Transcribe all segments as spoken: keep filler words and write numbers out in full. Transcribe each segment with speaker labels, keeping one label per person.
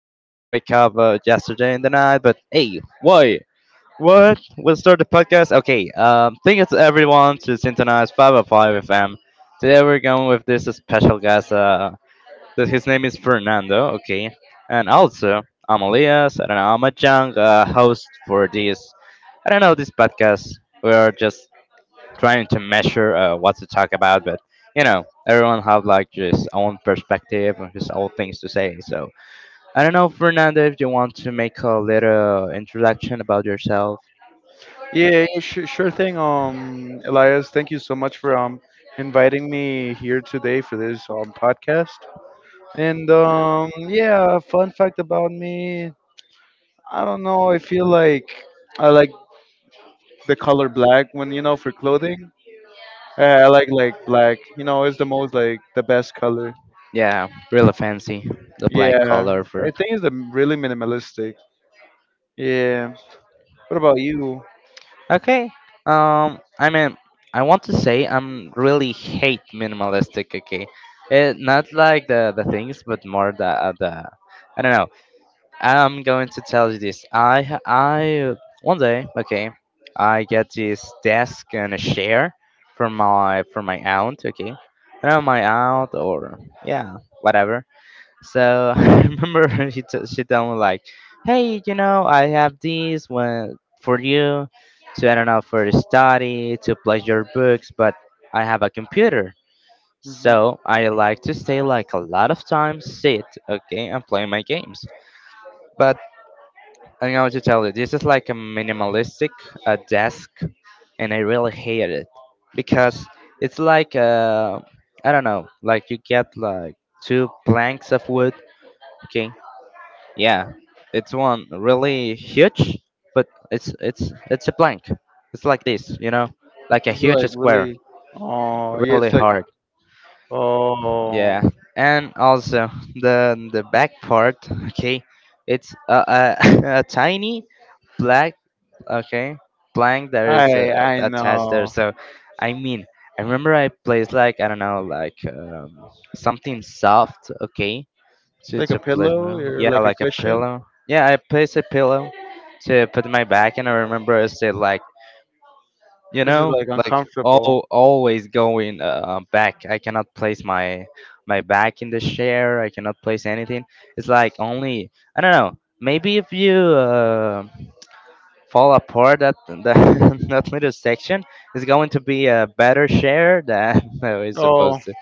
Speaker 1: I don't know, I wake up uh, yesterday in the night. But hey, why what we'll start the podcast. Okay um Thank you to everyone, to Synchronize five oh five FM. Today we're going with this special guest uh th- His name is Fernando, okay? And also, I'm Elias. I don't know, I'm a young uh, host for this. I don't know, this podcast. We are just trying to measure uh, what to talk about. But you know, everyone have like his own perspective and his own things to say. So I don't know, Fernando, if you want to make a little introduction about yourself.
Speaker 2: Yeah, yeah, sure, sure thing. Um, Elias, thank you so much for um inviting me here today for this um podcast. And um, yeah, fun fact about me, I don't know. I feel like I like the color black when you know for clothing. Uh, I like like black. You know, it's the most like the best color.
Speaker 1: Yeah, really fancy the black
Speaker 2: Yeah,
Speaker 1: color for.
Speaker 2: I think it's a really minimalistic. Yeah. What about you?
Speaker 1: Okay. Um, I mean, I want to say I'm really hate minimalistic. Okay, it not like the the things, but more the uh, the I don't know. I'm going to tell you this. I ha- I One day, okay, I get this desk and a chair from my from my aunt, okay, from my aunt or yeah, whatever. So I remember she t- she told me like, hey, you know, I have these when for you to, I don't know, for study, to play your books. But I have a computer.
Speaker 2: Mhm.
Speaker 1: So I like to stay like a lot of time sit, okay, and play my games. But I'm going to tell you, this is like a minimalistic uh, desk, and I really hate it because it's like uh, I don't know, like you get like two planks of wood. Okay, yeah, it's one really huge, but it's it's it's a plank. It's like this, you know, like a
Speaker 2: This is
Speaker 1: huge
Speaker 2: like
Speaker 1: square,
Speaker 2: really, oh, yeah,
Speaker 1: really
Speaker 2: it's like,
Speaker 1: hard. Yeah,
Speaker 2: oh,
Speaker 1: and also the the back part. Okay, it's a a, a tiny black, okay, blank there is uh,
Speaker 2: I, I
Speaker 1: that test there.
Speaker 2: know.
Speaker 1: So I mean, I remember I placed like, I don't know, like um, something soft, okay,
Speaker 2: It's
Speaker 1: to
Speaker 2: like a
Speaker 1: to place
Speaker 2: pillow
Speaker 1: well,
Speaker 2: or
Speaker 1: yeah,
Speaker 2: like a
Speaker 1: like a
Speaker 2: cushion.
Speaker 1: pillow. Yeah, I placed a pillow to put my back. And I remember I said like, you
Speaker 2: This is
Speaker 1: know,
Speaker 2: like
Speaker 1: like
Speaker 2: uncomfortable.
Speaker 1: all always going uh, back. I cannot place my my back in the chair. I cannot place anything. It's like only, I don't know, maybe if you um fall apart that that, that little section is going to be a better share than we
Speaker 2: Oh,
Speaker 1: supposed to.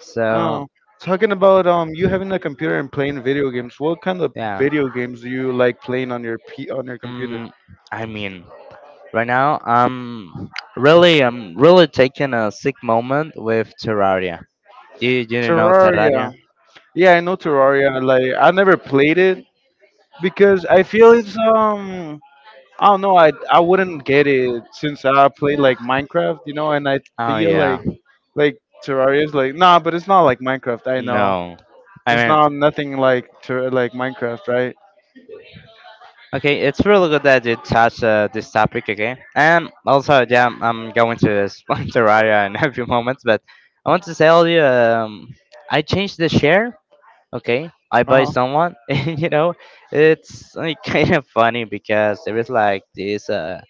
Speaker 1: So
Speaker 2: oh. Talking about um, you having a computer and playing video games. What kind of
Speaker 1: yeah.
Speaker 2: video games do you like playing on your P on your computer?
Speaker 1: mm, I mean, right now I'm really, i'm really taking a sick moment with Terraria. You you didn't know
Speaker 2: Terraria.
Speaker 1: Terraria.
Speaker 2: Yeah, I know Terraria. Like I never played it because I feel it's um I don't know. I I wouldn't get it since I play like Minecraft, you know. And I
Speaker 1: Oh
Speaker 2: feel like
Speaker 1: yeah.
Speaker 2: like Terraria is like nah, but it's not like Minecraft. I know
Speaker 1: No, I
Speaker 2: it's
Speaker 1: mean,
Speaker 2: not nothing like ter- like Minecraft, right?
Speaker 1: okay, it's really good that you touched uh, this topic again. And also, yeah, I'm I'm going to sponsor area in a few moments. But I want to tell you, um, I changed the share. Okay, I
Speaker 2: Uh
Speaker 1: buy
Speaker 2: huh.
Speaker 1: someone, and you know, it's like, kind of funny because there is like this. Uh,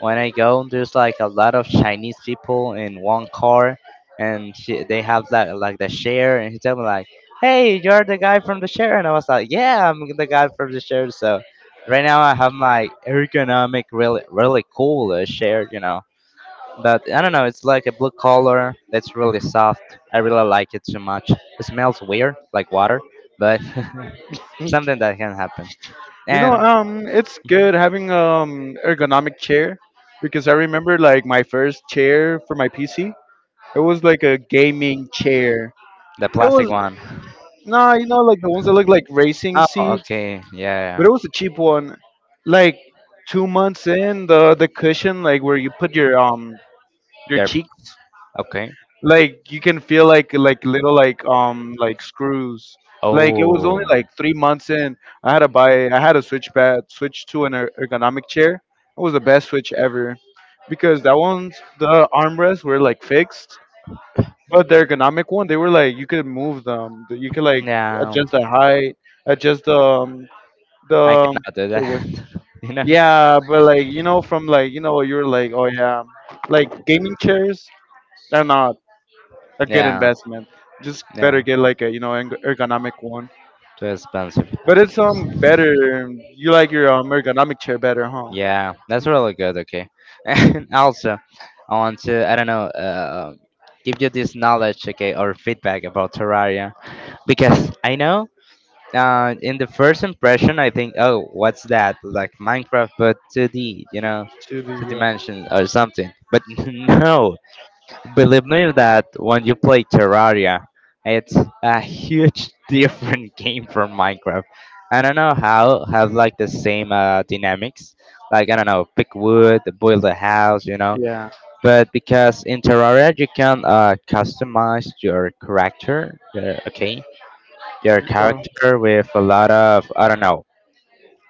Speaker 1: When I go, there's like a lot of Chinese people in one car, and she, they have like like the share, and he told me like, "Hey, you're the guy from the share," and I was like, "Yeah, I'm the guy from the share." So right now I have my ergonomic, really really cool uh, share, you know. But I don't know, it's like a blue color that's really soft. I really like it so much. It smells weird, like water, but something that can happen.
Speaker 2: You know,
Speaker 1: And
Speaker 2: um, it's good having um ergonomic chair because I remember like my first chair for my P C. It was like a gaming chair.
Speaker 1: the
Speaker 2: It
Speaker 1: plastic
Speaker 2: was
Speaker 1: one.
Speaker 2: nah, you know, like the ones that look like racing
Speaker 1: Oh,
Speaker 2: seats,
Speaker 1: okay, yeah, yeah.
Speaker 2: but it was a cheap one. Like two months in, the the cushion, like where you put your um your
Speaker 1: They're
Speaker 2: cheeks,
Speaker 1: okay.
Speaker 2: like you can feel like like little like um like screws. Like it was only
Speaker 1: Oh,
Speaker 2: like three months in, I had to buy. I had to switch back, switch to an er- ergonomic chair. It was the best switch ever, because that one's the armrests were like fixed, but the ergonomic one they were like you could move them. You could like
Speaker 1: no,
Speaker 2: adjust the height, adjust the um,
Speaker 1: I
Speaker 2: the
Speaker 1: cannot do
Speaker 2: the width.
Speaker 1: that. You know?
Speaker 2: Yeah, but like you know, from like you know, you're like, oh yeah, like gaming chairs are not a good
Speaker 1: Yeah,
Speaker 2: investment. Just better
Speaker 1: yeah,
Speaker 2: get like a you know erg- ergonomic one.
Speaker 1: too expensive.
Speaker 2: But it's um better. You like your um ergonomic chair better, huh?
Speaker 1: Yeah, that's really good. Okay, and also, I want to, I don't know, uh, give you this knowledge, okay, or feedback about Terraria, because I know uh, in the first impression I think, oh, what's that? Like Minecraft, but two D, you know,
Speaker 2: To the
Speaker 1: two
Speaker 2: uh,
Speaker 1: dimensions or something. But no, believe me that when you play Terraria, it's a huge different game from Minecraft. I don't know how has like the same uh, dynamics. Like I don't know, pick wood, build a house, you know.
Speaker 2: yeah.
Speaker 1: But because in Terraria you can uh, customize your character, your, okay, your
Speaker 2: Uh,
Speaker 1: character with a lot of, I don't know,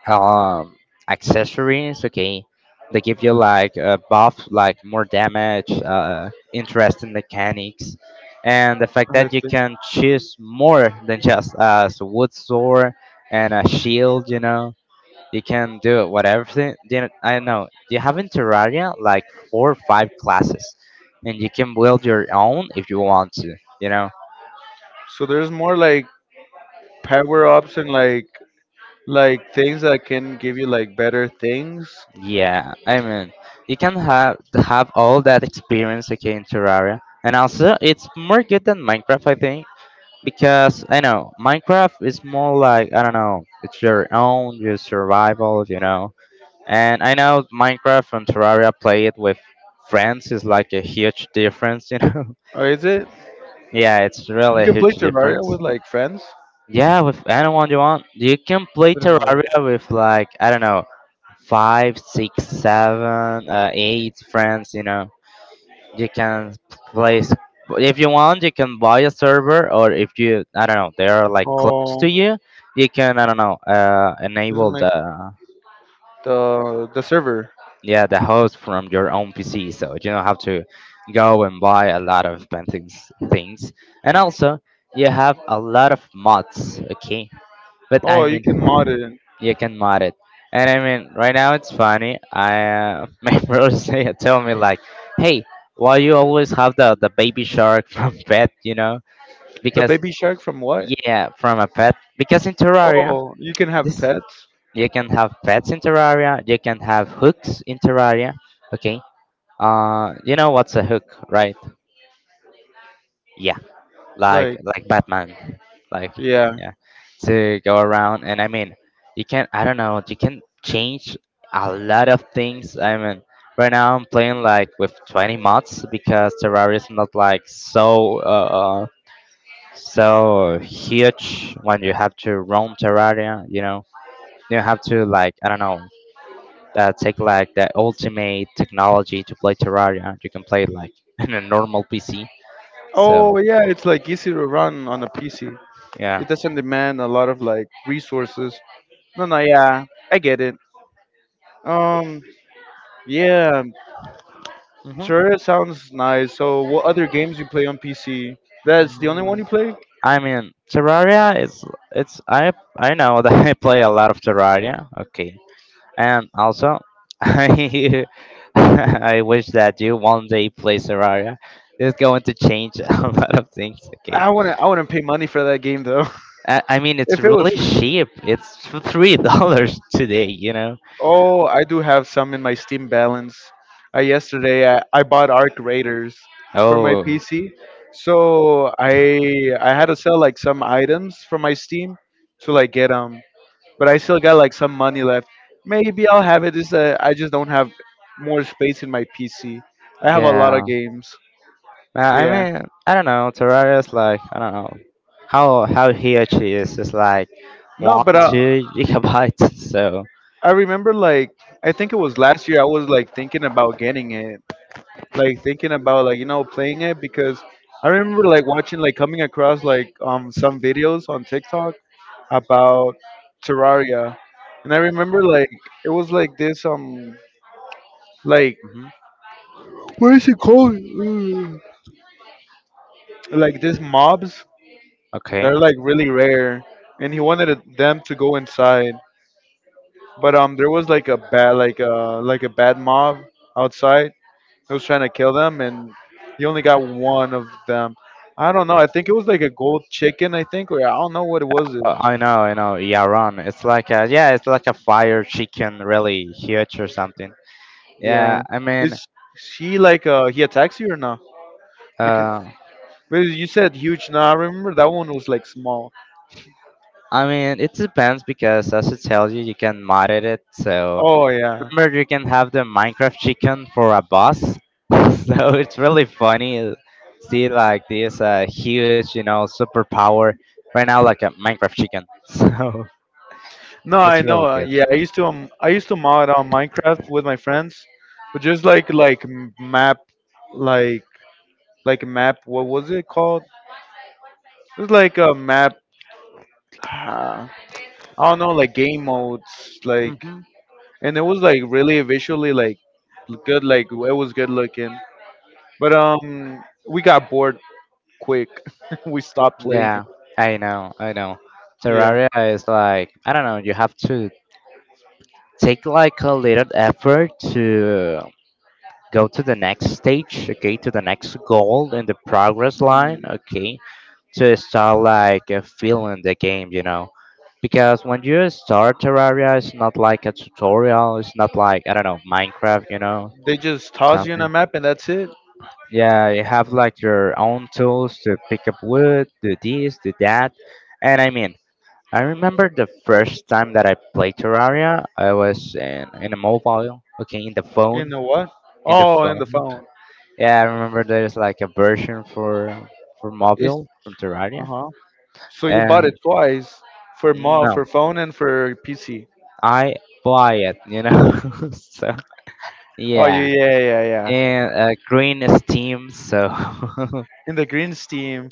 Speaker 1: um accessories, okay, they give you like a buff, like more damage, uh, interesting mechanics, and the fact
Speaker 2: I
Speaker 1: that you
Speaker 2: think
Speaker 1: can choose more than just as a wood sword and a shield, you know. You can do whatever thing, you know. I know you have in Terraria like four or five classes, and you can build your own if you want to, you know.
Speaker 2: so. There's more like power ups and like like things that can give you like better things.
Speaker 1: Yeah, I mean, you can have have all that experience, okay, in Terraria, and also it's more good than Minecraft, I think, because I know Minecraft is more like, I don't know, it's your own, your survival, you know. And I know Minecraft and Terraria play it with friends is like a huge difference, you know.
Speaker 2: Or is it?
Speaker 1: Yeah, it's
Speaker 2: You
Speaker 1: really a
Speaker 2: can play
Speaker 1: huge
Speaker 2: Terraria
Speaker 1: difference.
Speaker 2: with like friends.
Speaker 1: Yeah, with anyone you want. You can play
Speaker 2: Didn't know that.
Speaker 1: Terraria with like, I don't know, five, six, seven, uh, eight friends. You know, you can play s- if you want. You can buy a server, or if you, I don't know, they are like close
Speaker 2: Oh,
Speaker 1: to you. You can, I don't know, uh,
Speaker 2: doesn't
Speaker 1: enable
Speaker 2: make
Speaker 1: the,
Speaker 2: the the server.
Speaker 1: yeah, the host from your own P C, so you don't have to go and buy a lot of things things. And also, you have a lot of mods. Okay. But I
Speaker 2: Oh, you
Speaker 1: mean,
Speaker 2: can mod it.
Speaker 1: you can mod it. And I mean, right now it's funny. I uh, my bros they tell me like, "Hey, why you always have the the baby shark from pet? You know,
Speaker 2: The
Speaker 1: because
Speaker 2: baby shark from what?
Speaker 1: yeah, from a pet." Because in Terraria,
Speaker 2: Oh, you can have
Speaker 1: this,
Speaker 2: pets.
Speaker 1: you can have pets in Terraria. You can have hooks in Terraria. Okay. Uh, you know what's a hook, right? Yeah. like
Speaker 2: Like,
Speaker 1: like Batman, like,
Speaker 2: yeah.
Speaker 1: yeah, to go around. And I mean, you can, I don't know, you can change a lot of things. I mean, right now I'm playing like with twenty mods, because Terraria is not like so uh, uh so huge when you have to roam Terraria. You know, you have to like, I don't know, Uh, take like the ultimate technology to play Terraria. You can play like in a normal P C. So
Speaker 2: Oh, yeah, it's like easy to run on a P C.
Speaker 1: yeah.
Speaker 2: It doesn't demand a lot of like resources. No, no, yeah, I get it. Um, yeah, Terraria sounds nice. So, what other games you play on P C? That's the only one you play?
Speaker 1: I mean, Terraria is it's I I know that I play a lot of Terraria. Okay, and also I I wish that you one day play Terraria. It's going to change a lot of things. Okay,
Speaker 2: I wanna, I wouldn't pay money for that game though.
Speaker 1: I, I mean it's
Speaker 2: If it was
Speaker 1: really
Speaker 2: free.
Speaker 1: cheap. It's three dollars today. You know.
Speaker 2: Oh, I do have some in my Steam balance. Uh, yesterday, I, I bought Arc Raiders for my
Speaker 1: Oh
Speaker 2: P C, so I I had to sell like some items from my Steam to like get them. But I still got like some money left. Maybe I'll have it. Is uh, I just don't have more space in my P C. I have a lot of
Speaker 1: yeah.
Speaker 2: games.
Speaker 1: Uh, I
Speaker 2: Yeah.
Speaker 1: mean, I don't know, Terraria is like, I don't know how how huge it is. It's like
Speaker 2: No,
Speaker 1: one
Speaker 2: but uh,
Speaker 1: two gigabytes. So.
Speaker 2: I remember like I think it was last year. I was like thinking about getting it, like thinking about like you know playing it because I remember like watching like coming across like um some videos on TikTok about Terraria, and I remember like it was like this um like
Speaker 1: Mhm.
Speaker 2: what is it called? Uh, like these mobs
Speaker 1: Okay.
Speaker 2: that are like really rare, and he wanted it- them to go inside, but um there was like a bad like a like a bad mob outside. He was trying to kill them, and he only got one of them. I don't know. I think it was like a gold chicken. I think, or I don't know what it was.
Speaker 1: Uh, I know, I know. Yaron. It's like a, yeah, it's like a fire chicken, really huge or something.
Speaker 2: Yeah.
Speaker 1: Yeah, I mean,
Speaker 2: Is she like uh he attacks you or not? Because
Speaker 1: uh,
Speaker 2: but you said huge. No, I remember that one was like small.
Speaker 1: I mean, it depends because as it tells you, you can mod it. So
Speaker 2: Oh yeah.
Speaker 1: remember, you can have the Minecraft chicken for a boss. So it's really funny. Uh, see, like this uh, huge, you know, superpower right now, like a Minecraft chicken. So
Speaker 2: No, I
Speaker 1: it's
Speaker 2: know.
Speaker 1: really
Speaker 2: Uh,
Speaker 1: good.
Speaker 2: yeah, I used to um I used to mod on Minecraft with my friends, but just like like m- map like like map. What was it called? It was like a map. I don't know, like game modes, like,
Speaker 1: Hmm.
Speaker 2: and it was like really visually like good, like it was good looking. But um, we got bored quick. We stopped playing it.
Speaker 1: Yeah, I know, I know.
Speaker 2: Yeah.
Speaker 1: Terraria is like, I don't know. You have to take like a little effort to go to the next stage, okay, to the next goal in the progress line,
Speaker 2: Mm.
Speaker 1: okay, to start like uh, feeling the game, you know. Because when you start Terraria, it's not like a tutorial. It's not like, I don't know, Minecraft, you know,
Speaker 2: They just toss you in
Speaker 1: something.
Speaker 2: a map and that's it.
Speaker 1: Yeah, you have like your own tools to pick up wood, do this, do that. And I mean, I remember the first time that I played Terraria, I was in, in a mobile, okay, in the
Speaker 2: In
Speaker 1: phone,
Speaker 2: the what?
Speaker 1: in the
Speaker 2: Oh, in
Speaker 1: phone.
Speaker 2: the phone.
Speaker 1: Yeah, I remember there's like a version for for
Speaker 2: It's
Speaker 1: mobile from
Speaker 2: uh
Speaker 1: Terraria.
Speaker 2: huh. So you bought it
Speaker 1: And
Speaker 2: twice for mo
Speaker 1: no,
Speaker 2: for phone and for P C.
Speaker 1: I buy it, you know. So
Speaker 2: Oh yeah,
Speaker 1: yeah,
Speaker 2: yeah, yeah, yeah.
Speaker 1: and uh, green is Steam, so
Speaker 2: In the green steam.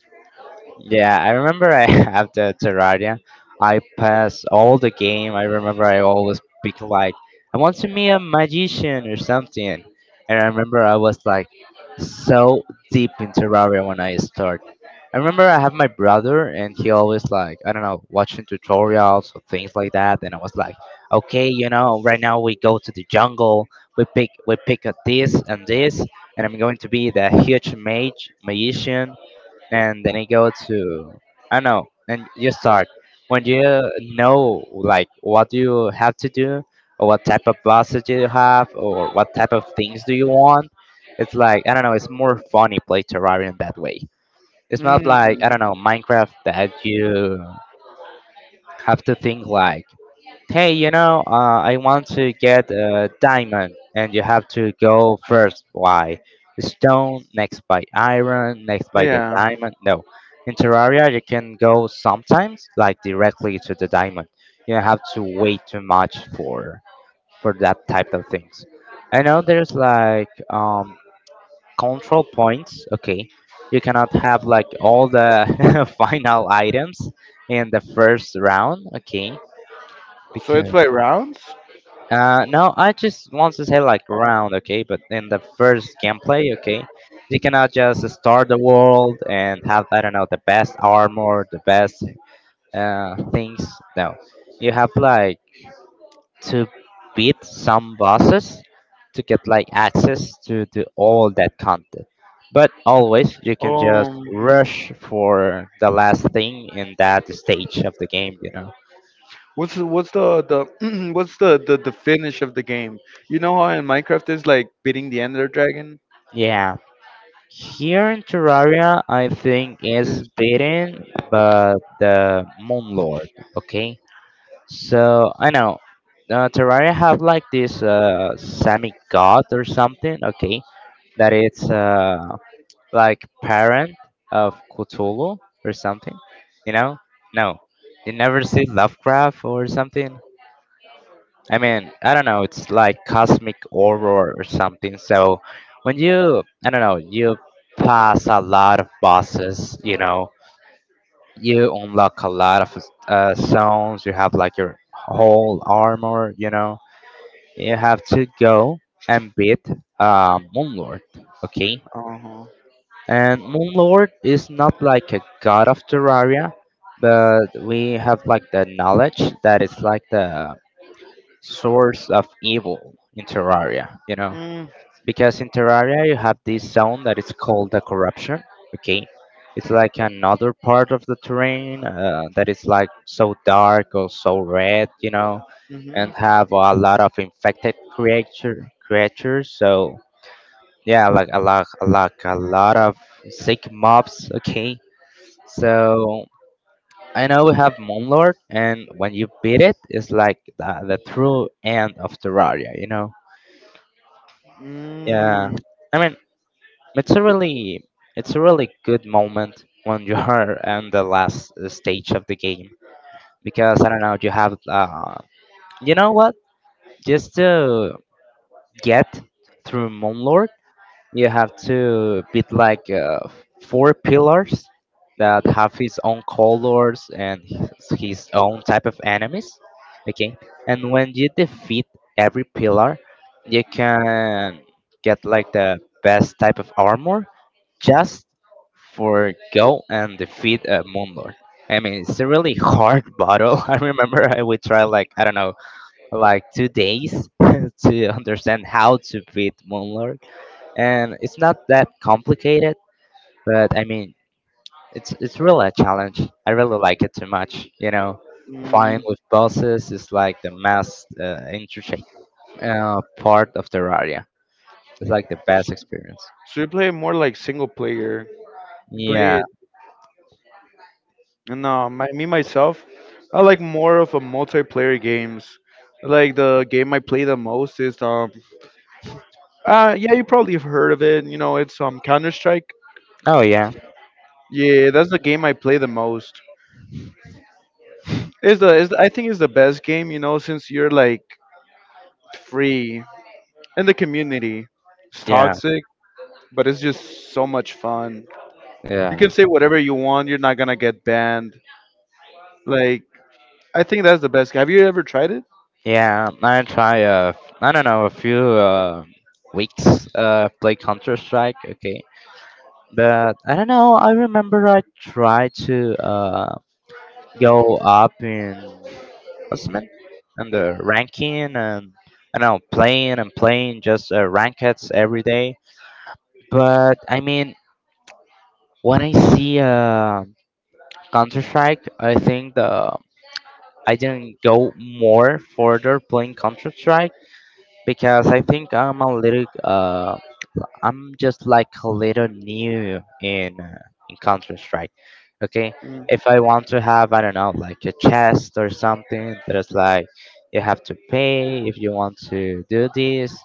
Speaker 1: yeah, I remember I have the Terraria. I pass all the game. I remember I always pick like, I want to be a magician or something. And I remember I was like so deep in Terraria when I start. I remember I have my brother and he always like, I don't know, watching tutorials or things like that. And I was like, okay, you know, right now we go to the jungle. We pick we pick a this and this, and I'm going to be the huge mage magician, and then you go to, I don't know, and you start. When you know like what you have to do, or what type of bosses you have, or what type of things do you want, it's like, I don't know, it's more funny play Terrarium that way. It's not
Speaker 2: Mm,
Speaker 1: like, I don't know, Minecraft that you have to think like. Hey, you know, uh, I want to get a diamond, and you have to go first by stone, next by iron, next by the
Speaker 2: yeah.
Speaker 1: diamond. No, in Terraria, you can go sometimes like directly to the diamond. You don't have to wait too much for for that type of things. I know there's like um, control points. Okay, you cannot have like all the final items in the first round. Okay,
Speaker 2: So it's
Speaker 1: because
Speaker 2: by rounds.
Speaker 1: uh, no, I just want to say like round, okay? But in the first gameplay, okay, you cannot just start the world and have I don't know the best armor, the best uh things. No, you have like to beat some bosses to get like access to to all that content. But always you can just
Speaker 2: Oh. Um.
Speaker 1: rush for the last thing in that stage of the game, you know?
Speaker 2: What's the- what's the the what's the, the the finish of the game? You know how in Minecraft is like beating the Ender Dragon
Speaker 1: Yeah. Here in Terraria, I think it's
Speaker 2: is.
Speaker 1: beaten but the Moon Lord. Okay, so I know uh, Terraria have like this uh, semi god or something. Okay, that it's uh, like parent of Cthulhu or something. You know? No, you never see Lovecraft or something. I mean, I don't know, it's like cosmic horror or something. So when you, I don't know, you pass a lot of bosses, you know, you unlock a lot of uh, zones, you have like your whole armor, you know, you have to go and beat uh, Moonlord, okay?
Speaker 2: Uh huh.
Speaker 1: And Moonlord is not like a god of Terraria, but we have like the knowledge that it's like the source of evil in Terraria, you know?
Speaker 2: Mm,
Speaker 1: Because in Terraria you have this zone that is called the corruption, okay? It's like another part of the terrain uh, that is like so dark or so red, you know, and
Speaker 2: mm-hmm.
Speaker 1: have a lot of infected creature creatures. So yeah, like a lot, a lot, a lot of sick mobs. Okay, so I know we have Moonlord, and when you beat it, it's like the, the true end of Terraria, you know. Yeah,
Speaker 2: Mm,
Speaker 1: I mean, it's a really, it's a really good moment when you are in the last stage of the game because I don't know, you have, uh, you know what? Just to get through Moonlord, you have to beat like uh, four pillars that have his own colors and his his own type of enemies. Okay, and when you defeat every pillar, you can get like the best type of armor just for go and defeat a Moonlord. I mean, it's a really hard battle. I remember I would try like I don't know, like two days to understand how to beat Moonlord, and it's not that complicated. But I mean, it's it's really a challenge. I really like it too much. You know, fighting
Speaker 2: mm.
Speaker 1: with bosses is like the most uh, interesting uh, part of Terraria. It's like the best experience.
Speaker 2: So you play more like single player. You play
Speaker 1: Yeah.
Speaker 2: it. No, my, me myself, I like more of a multiplayer games. Like the game I play the most is um. Uh yeah, you probably have heard of it. You know, it's um Counter Strike.
Speaker 1: Oh yeah.
Speaker 2: Yeah, that's the game I play the most. It's the, it's the I think it's the best game, you know, since you're like free in the community. It's
Speaker 1: Yeah.
Speaker 2: toxic, but it's just so much fun. You
Speaker 1: Yeah.
Speaker 2: can say whatever you want. You're not gonna get banned. Like I think that's the best. Have you ever tried it?
Speaker 1: Yeah, I try uh I don't know a few uh, weeks uh play Counter Strike. Okay, but I don't know. I remember I tried to uh go up in what's it meant? And the ranking and I don't know playing and playing just uh, rankeds every day. But I mean, when I see uh Counter Strike, I think the I didn't go more further playing Counter Strike because I think I'm a little uh I'm just like a little new in uh, in Counter Strike. Okay,
Speaker 2: Mm.
Speaker 1: if I want to have I don't know like a chest or something there's like you have to pay if you want to do this,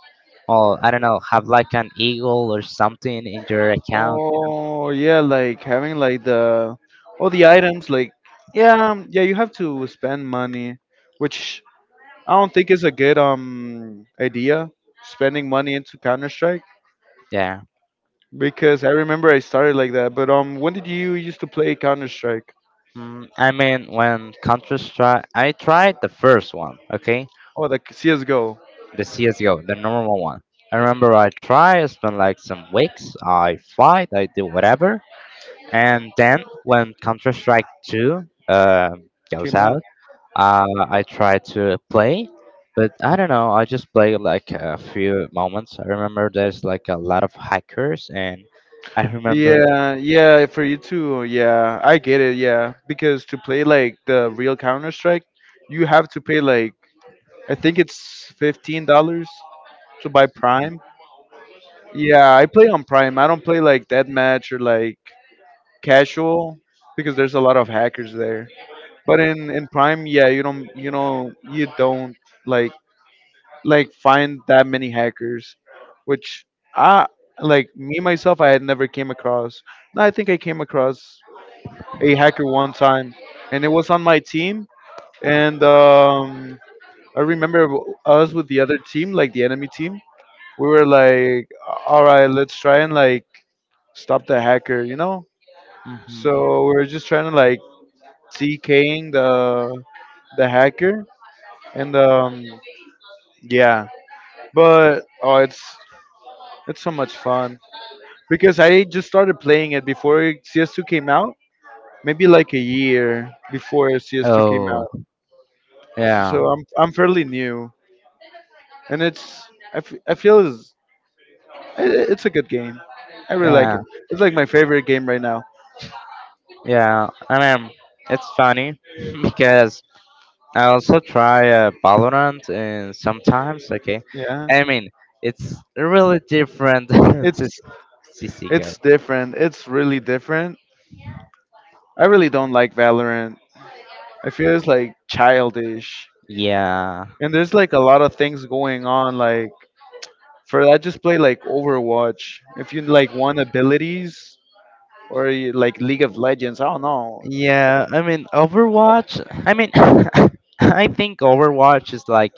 Speaker 1: or I don't know have like an eagle or something in your account.
Speaker 2: Oh yeah, like having like the all the items. Like yeah, um, yeah, you have to spend money, which I don't think is a good um idea. Spending money into Counter Strike.
Speaker 1: Yeah.
Speaker 2: Because I remember I started like that. But um, when did you used to play Counter Strike?
Speaker 1: Mm, I mean, when Counter Strike, I tried the first one, okay?
Speaker 2: Oh, the C S:G O
Speaker 1: The C S G O, the normal one. I remember I tried, I spent like some weeks, I fight, I do whatever. And then when Counter Strike two uh, goes
Speaker 2: came out.
Speaker 1: out, uh, I try to play. But I don't know, I just play like a few moments. I remember there's like a lot of hackers, and I remember,
Speaker 2: Yeah, yeah, for you too. Yeah, I get it. Yeah, because to play like the real Counter Strike, you have to pay like I think it's fifteen dollars to buy Prime. Yeah, I play on Prime. I don't play like Deathmatch or like casual because there's a lot of hackers there. But in in Prime, yeah, you don't you know you don't like like find that many hackers, which I like me myself I had never came across. No, I think I came across a hacker one time, and it was on my team. And um, I remember w- us with the other team, like the enemy team. We were like, all right, let's try and like stop the hacker, you know. So we were just trying to like T King the the hacker, and um, yeah. But oh, it's it's so much fun, because I just started playing it before C S two came out, maybe like a year before C S two came
Speaker 1: oh,
Speaker 2: out.
Speaker 1: yeah,
Speaker 2: So I'm I'm fairly new, and it's I, f- I feel it's, i- i- it's a good game. I really like
Speaker 1: yeah,
Speaker 2: it. It's like my favorite game right now.
Speaker 1: yeah. I mean, it's funny because I also try uh, Valorant and sometimes, okay.
Speaker 2: Yeah,
Speaker 1: I mean, it's really different to
Speaker 2: it's
Speaker 1: C S:G O.
Speaker 2: it's different. It's really different. I really don't like Valorant. I feel it's like childish,
Speaker 1: Yeah.
Speaker 2: and there's like a lot of things going on. Like for I just play like Overwatch. If you like want abilities, or you- like League of Legends. I don't know.
Speaker 1: Yeah, I mean, Overwatch, I mean, I think Overwatch is like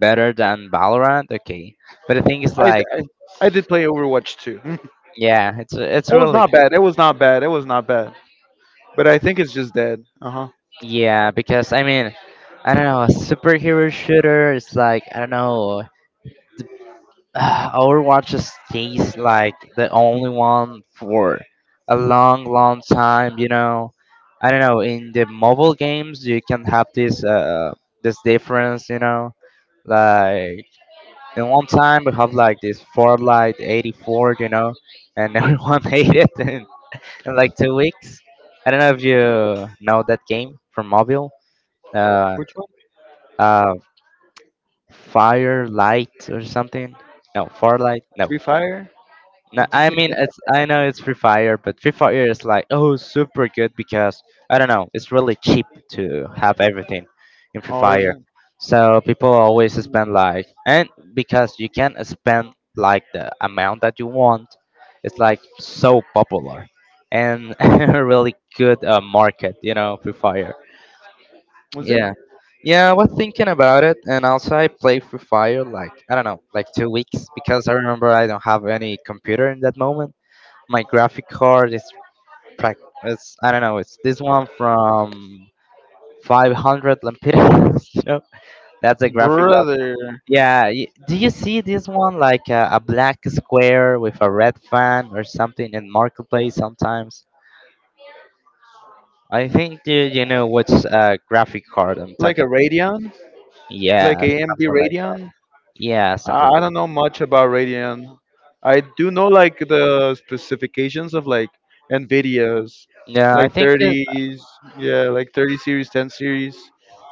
Speaker 1: better than Valorant, okay. But I think it's
Speaker 2: I,
Speaker 1: like,
Speaker 2: I, I did play Overwatch too. It
Speaker 1: yeah, it's it's
Speaker 2: was
Speaker 1: really
Speaker 2: not bad. It was not bad. It was not bad. But I think it's just dead. Uh huh.
Speaker 1: good. Yeah, because I mean, I don't know, a superhero shooter is like, I don't know, Overwatch stays like the only one for a long, long time. You know, I don't know. In the mobile games, you can have this uh this difference. You know, like in one time we have like this Fortnite eighty-four. You know, and everyone hate it in, in like two weeks. I don't know if you know that game from mobile. Uh,
Speaker 2: Which one?
Speaker 1: uh, Firelight or something. No, Firelight. No,
Speaker 2: Free Fire?
Speaker 1: No, I mean it's I know it's Free Fire, but Free Fire is like oh super good because I don't know, it's really cheap to have everything in Free
Speaker 2: Oh, is
Speaker 1: Fire.
Speaker 2: it?
Speaker 1: So people always spend like and because you can spend like the amount that you want, it's like so popular and a really good uh, market, you know, Free Fire.
Speaker 2: Was it?
Speaker 1: Yeah. Yeah, I was thinking about it, and also I played Free Fire like I don't know, like two weeks because I remember I don't have any computer in that moment, my graphic card is prac- it's I don't know, it's this one from five hundred lempiras, you know. That's a graphic one.
Speaker 2: Brother.
Speaker 1: Yeah, y- do you see this one like a, a black square with a red fan or something in marketplace sometimes? I think you you know which uh, graphic card I'm
Speaker 2: Like a
Speaker 1: talking.
Speaker 2: Radeon?
Speaker 1: Yeah,
Speaker 2: Like A M D
Speaker 1: something like
Speaker 2: Radeon?
Speaker 1: yeah,
Speaker 2: I,
Speaker 1: something
Speaker 2: I
Speaker 1: like.
Speaker 2: don't know much about Radeon. I do know like the specifications of like NVIDIA's.
Speaker 1: Yeah, I
Speaker 2: Like
Speaker 1: think it,
Speaker 2: thirties, yeah, like thirty series, ten series,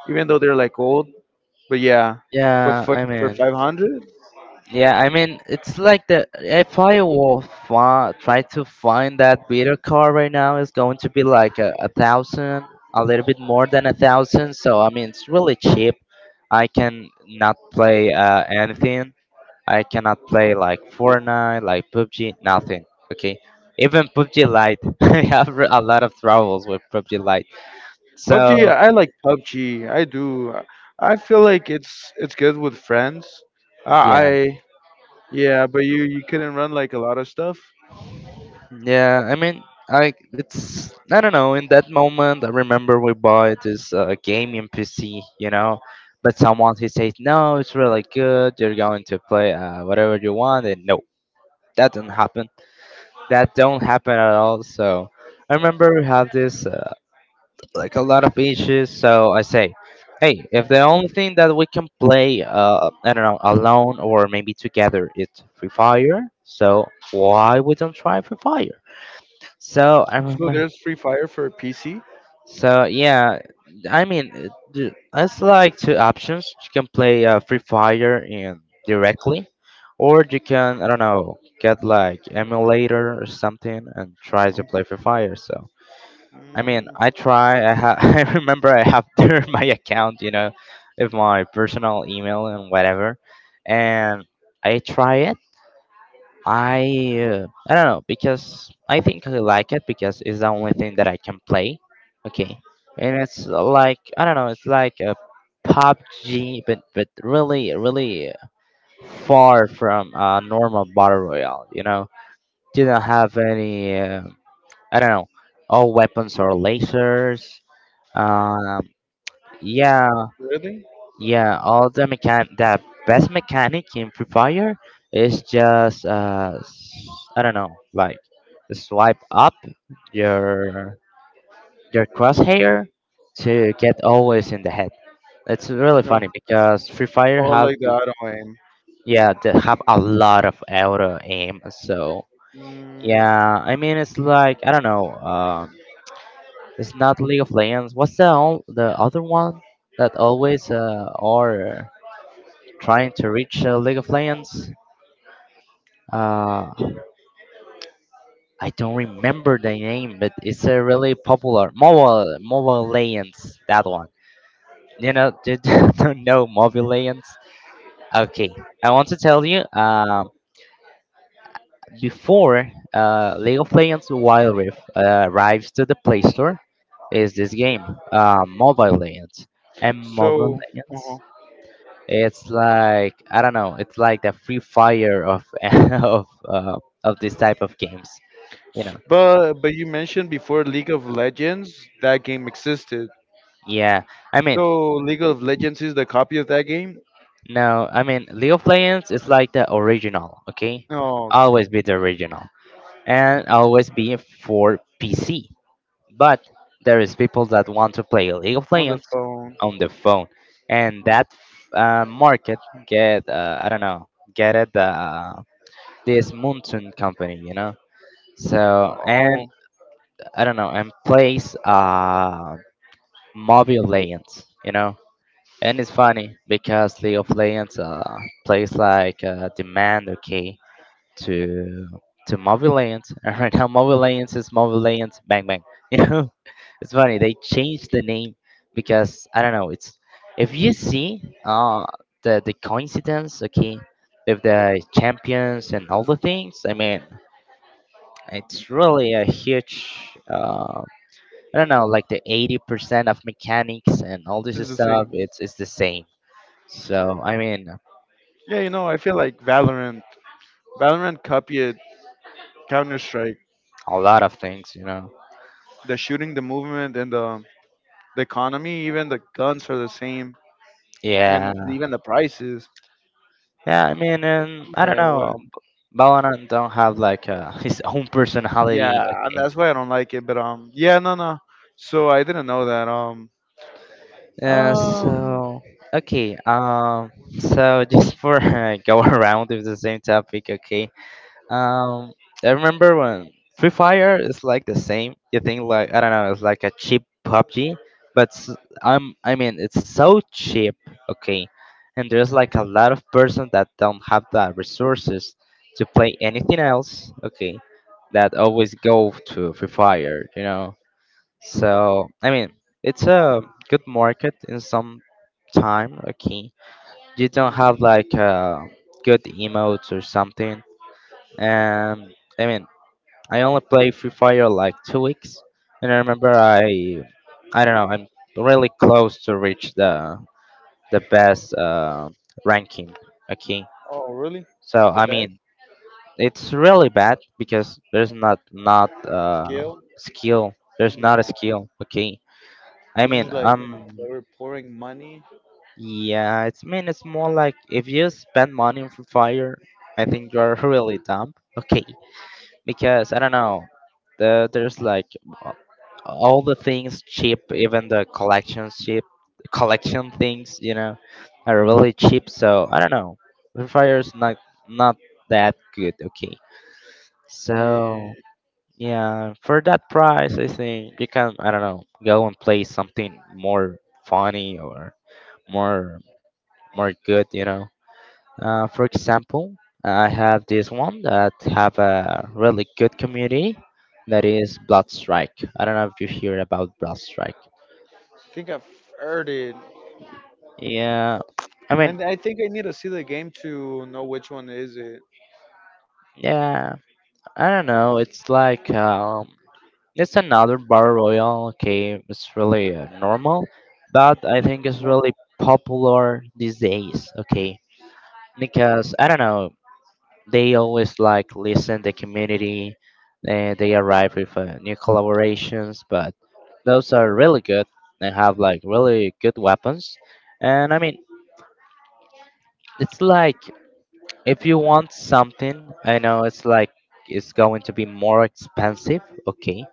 Speaker 2: even though they're like old. But yeah, but
Speaker 1: yeah,
Speaker 2: for
Speaker 1: I
Speaker 2: for
Speaker 1: mean
Speaker 2: five hundred,
Speaker 1: yeah, I mean, it's like the if I will fi- try to find that beater car right now, it's going to be like a, a thousand, a little bit more than a thousand. So I mean, it's really cheap. I can not play uh, anything. I cannot play like Fortnite, like P U B G, nothing. Okay, even P U B G Lite, I have a lot of troubles with P U B G Lite. So
Speaker 2: P U B G, I like P U B G. I do. I feel like it's it's good with friends. Uh, I
Speaker 1: yeah.
Speaker 2: Yeah, but you you couldn't run like a lot of stuff.
Speaker 1: Yeah, I mean, I it's I don't know. In that moment, I remember we bought this uh, gaming P C, you know, but someone he said, "No, it's really good. You're going to play uh, whatever you want." And no, that didn't happen. That don't happen at all. So I remember we have this uh, like a lot of issues. So I say, "Hey, if the only thing that we can play, uh, I don't know, alone or maybe together, it's Free Fire." So why we don't try Free Fire? So I
Speaker 2: So
Speaker 1: remember
Speaker 2: there's Free Fire for P C.
Speaker 1: so yeah, I mean, uh, the- it's like two options. You can play uh, Free Fire and directly, or you can I don't know get like emulator or something and try to
Speaker 2: Um,
Speaker 1: play Free Fire. So I mean,
Speaker 2: mm,
Speaker 1: I try. I ha- I remember I have there my account, you know, with my personal email and whatever, and I try it I uh, I don't know because I think I like it because it's the only thing that I can play. Okay, and it's like I don't know, it's like a P U B G, but but really really far from a normal battle royale. You know, didn't have any uh, I don't know, all weapons or lasers. Um, yeah,
Speaker 2: really?
Speaker 1: yeah, all the mechan the best mechanic in Free Fire is just uh s- I don't know, like swipe up your your crosshair to get always in the head. It's really
Speaker 2: No.
Speaker 1: funny because Free Fire
Speaker 2: Oh,
Speaker 1: have
Speaker 2: like the
Speaker 1: the-
Speaker 2: auto aim.
Speaker 1: yeah, they have a lot of auto aim. So
Speaker 2: Mm,
Speaker 1: yeah, I mean it's like I don't know, um it's not League of Legends. What's the all the other one that always uh or trying to reach uh, League of Legends. Uh, I don't remember the name, but it's a really popular mobile mobile legends. That one, you know, do you don't know mobile legends? Okay, I want to tell you. Um, before uh, League of Legends Wild Rift uh, arrives to the Play Store, is this game, uh, Mobile Legends, and Mobile
Speaker 2: so, uh-huh.
Speaker 1: Legends. It's like I don't know. It's like the free fire of of uh, of this type of games. You know,
Speaker 2: But but you mentioned before League of Legends that game existed.
Speaker 1: yeah I mean,
Speaker 2: So League of Legends is the copy of that game?
Speaker 1: no I mean league of legends is like the original okay,
Speaker 2: Oh, okay.
Speaker 1: always be the original and always be for pc but there is people that want to play league of
Speaker 2: On the
Speaker 1: legends
Speaker 2: phone.
Speaker 1: on the phone and that uh, market get uh, I don't know get it uh, this monsoon company you know so and
Speaker 2: Oh,
Speaker 1: I don't know and plays uh mobile legends you know. And it's funny because League of Legends uh, plays like uh, demand okay to to Mobile Legends. And right now Mobile Legends is Mobile Legends Bang Bang. You know? It's funny, they changed the name because I don't know, it's if you see uh the the coincidence, okay, with the champions and all the things, I mean it's really a huge uh I don't know, like the eighty percent of mechanics and all this
Speaker 2: it's the
Speaker 1: stuff,
Speaker 2: same.
Speaker 1: it's it's the same. So I mean,
Speaker 2: Yeah, you know, I feel like Valorant. Valorant copied Counter Strike.
Speaker 1: a lot of things, you know.
Speaker 2: The shooting, the movement, and the the economy, even the guns are the same, and
Speaker 1: Yeah,
Speaker 2: even the prices.
Speaker 1: yeah. I mean, and I don't
Speaker 2: Uh, what?
Speaker 1: know. Balanan don't have like uh, his own personality.
Speaker 2: Yeah, and
Speaker 1: Okay.
Speaker 2: that's why I don't like it. But um, yeah, no, no. So I didn't know that. Um.
Speaker 1: Yeah.
Speaker 2: uh,
Speaker 1: So okay. Um. So just for uh, go around with the same topic. Okay. Um, I remember when Free Fire is like the same. You think like I don't know, it's like a cheap P U B G, but s- I'm I mean it's so cheap, okay. And there's like a lot of person that don't have the resources to play anything else, okay. That always go to Free Fire, you know. So I mean it's a good market in some time, okay. You don't
Speaker 2: mm,
Speaker 1: have like uh, good emotes or something and I mean I only played Free Fire like two weeks, and I remember I I don't know I'm really close to reach the the best uh, ranking. Okay,
Speaker 2: Oh, really?
Speaker 1: so
Speaker 2: The
Speaker 1: I
Speaker 2: best?
Speaker 1: mean it's really bad because there's not not uh,
Speaker 2: Scale
Speaker 1: skill. There's
Speaker 2: and
Speaker 1: not a
Speaker 2: raw.
Speaker 1: skill. Okay, I
Speaker 2: This
Speaker 1: mean
Speaker 2: is like
Speaker 1: um
Speaker 2: they were pouring money.
Speaker 1: yeah it's mean it's more like if you spend money on Free Fire, I think you're really dumb. Okay, because I don't know the there's like all the things cheap, even the collections cheap, collection things, you know, are really cheap. So I don't know, Free Fire's not not that good. Okay,
Speaker 2: Yeah,
Speaker 1: so yeah, for that price, I think you can I don't know go and play something more funny or more more good. You know, uh, for example, I have this one that have a really good community. That is Bloodstrike. I don't know if you hear about Bloodstrike.
Speaker 2: I think I've heard it,
Speaker 1: Yeah, I mean,
Speaker 2: and I think I need to see the game to know which one is it.
Speaker 1: yeah, I don't know. It's like um, it's another battle royale. Okay, it's really uh, normal, but I think it's really
Speaker 2: Normal.
Speaker 1: popular these days. Okay, because I don't know, they always like listen the community, and they arrive with uh, new collaborations. But those are really good. They have like really good weapons, and I mean, it's like. If you want something, I know it's like it's going to be more expensive, okay,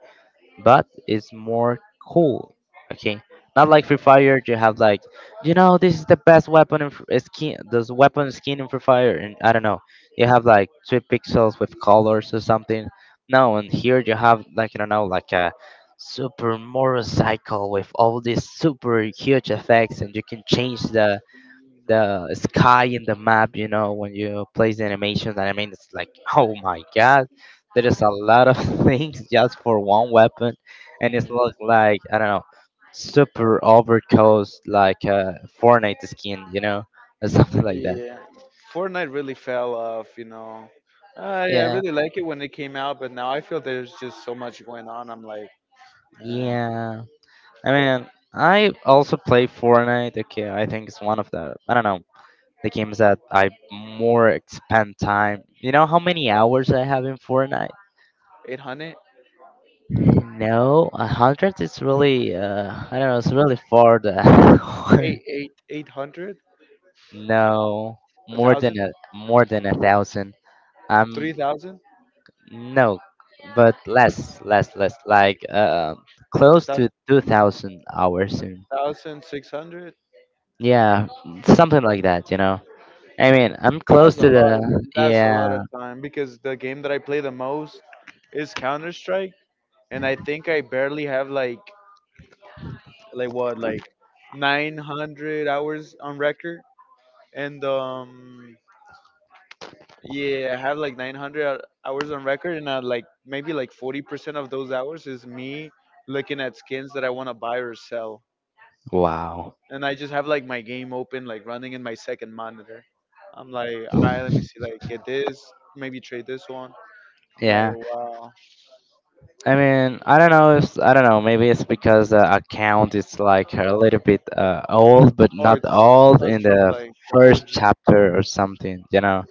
Speaker 1: but it's more cool, okay. Not like Free Fire, you have like, you know, this is the best weapon in Fr- uh, skin, this weapon skin in Free Fire, and I don't know, you have like three pixels with colors or something. No, and here you have like I don't know, like a super motorcycle with all these super huge effects, and you can change the the sky in the map, you know, when you place the animations, and I mean, it's like, oh my god, there is a lot of things just for one weapon, and it's looks like, I don't know, super overcoast, like a Fortnite skin, you know, or something like that.
Speaker 2: Yeah, Fortnite really fell off. You know, I I
Speaker 1: Yeah,
Speaker 2: really like it when it came out, but now I feel there's just so much going on. I'm like, uh,
Speaker 1: yeah. I mean, I also play Fortnite. Okay, I think it's one of the, I don't know, the games that I more spend time. You know how many hours I have in Fortnite?
Speaker 2: eight hundred,
Speaker 1: No, a hundred is really uh, I don't know. It's really far. The no,
Speaker 2: a
Speaker 1: more than
Speaker 2: thousand,
Speaker 1: a more than a thousand. Um,
Speaker 2: three thousand,
Speaker 1: no, but less, less, less. Like uh, close
Speaker 2: a
Speaker 1: to two thousand hours soon.
Speaker 2: thousand six hundred.
Speaker 1: Yeah, something like that. You know. I mean, I'm close
Speaker 2: That's a
Speaker 1: to
Speaker 2: lot of
Speaker 1: the
Speaker 2: that's a
Speaker 1: yeah.
Speaker 2: lot of time because the game that I play the most is Counter Strike, and I think I barely have like like what like nine hundred hours on record, and um yeah, I have like nine hundred hours on record, and I like maybe like forty percent of those hours is me looking at skins that I want to buy or sell,
Speaker 1: Wow.
Speaker 2: and I just have like my game open like running in my second monitor. I'm like, all right, let me see, like get this, maybe trade this one. I'm like,
Speaker 1: Yeah.
Speaker 2: wow.
Speaker 1: I mean, I don't know if I don't know. Maybe it's because the account is like a little bit uh, old, but
Speaker 2: Oh,
Speaker 1: not
Speaker 2: it's
Speaker 1: old
Speaker 2: it's
Speaker 1: in
Speaker 2: from
Speaker 1: the
Speaker 2: like the
Speaker 1: first
Speaker 2: O G.
Speaker 1: chapter or something. You know,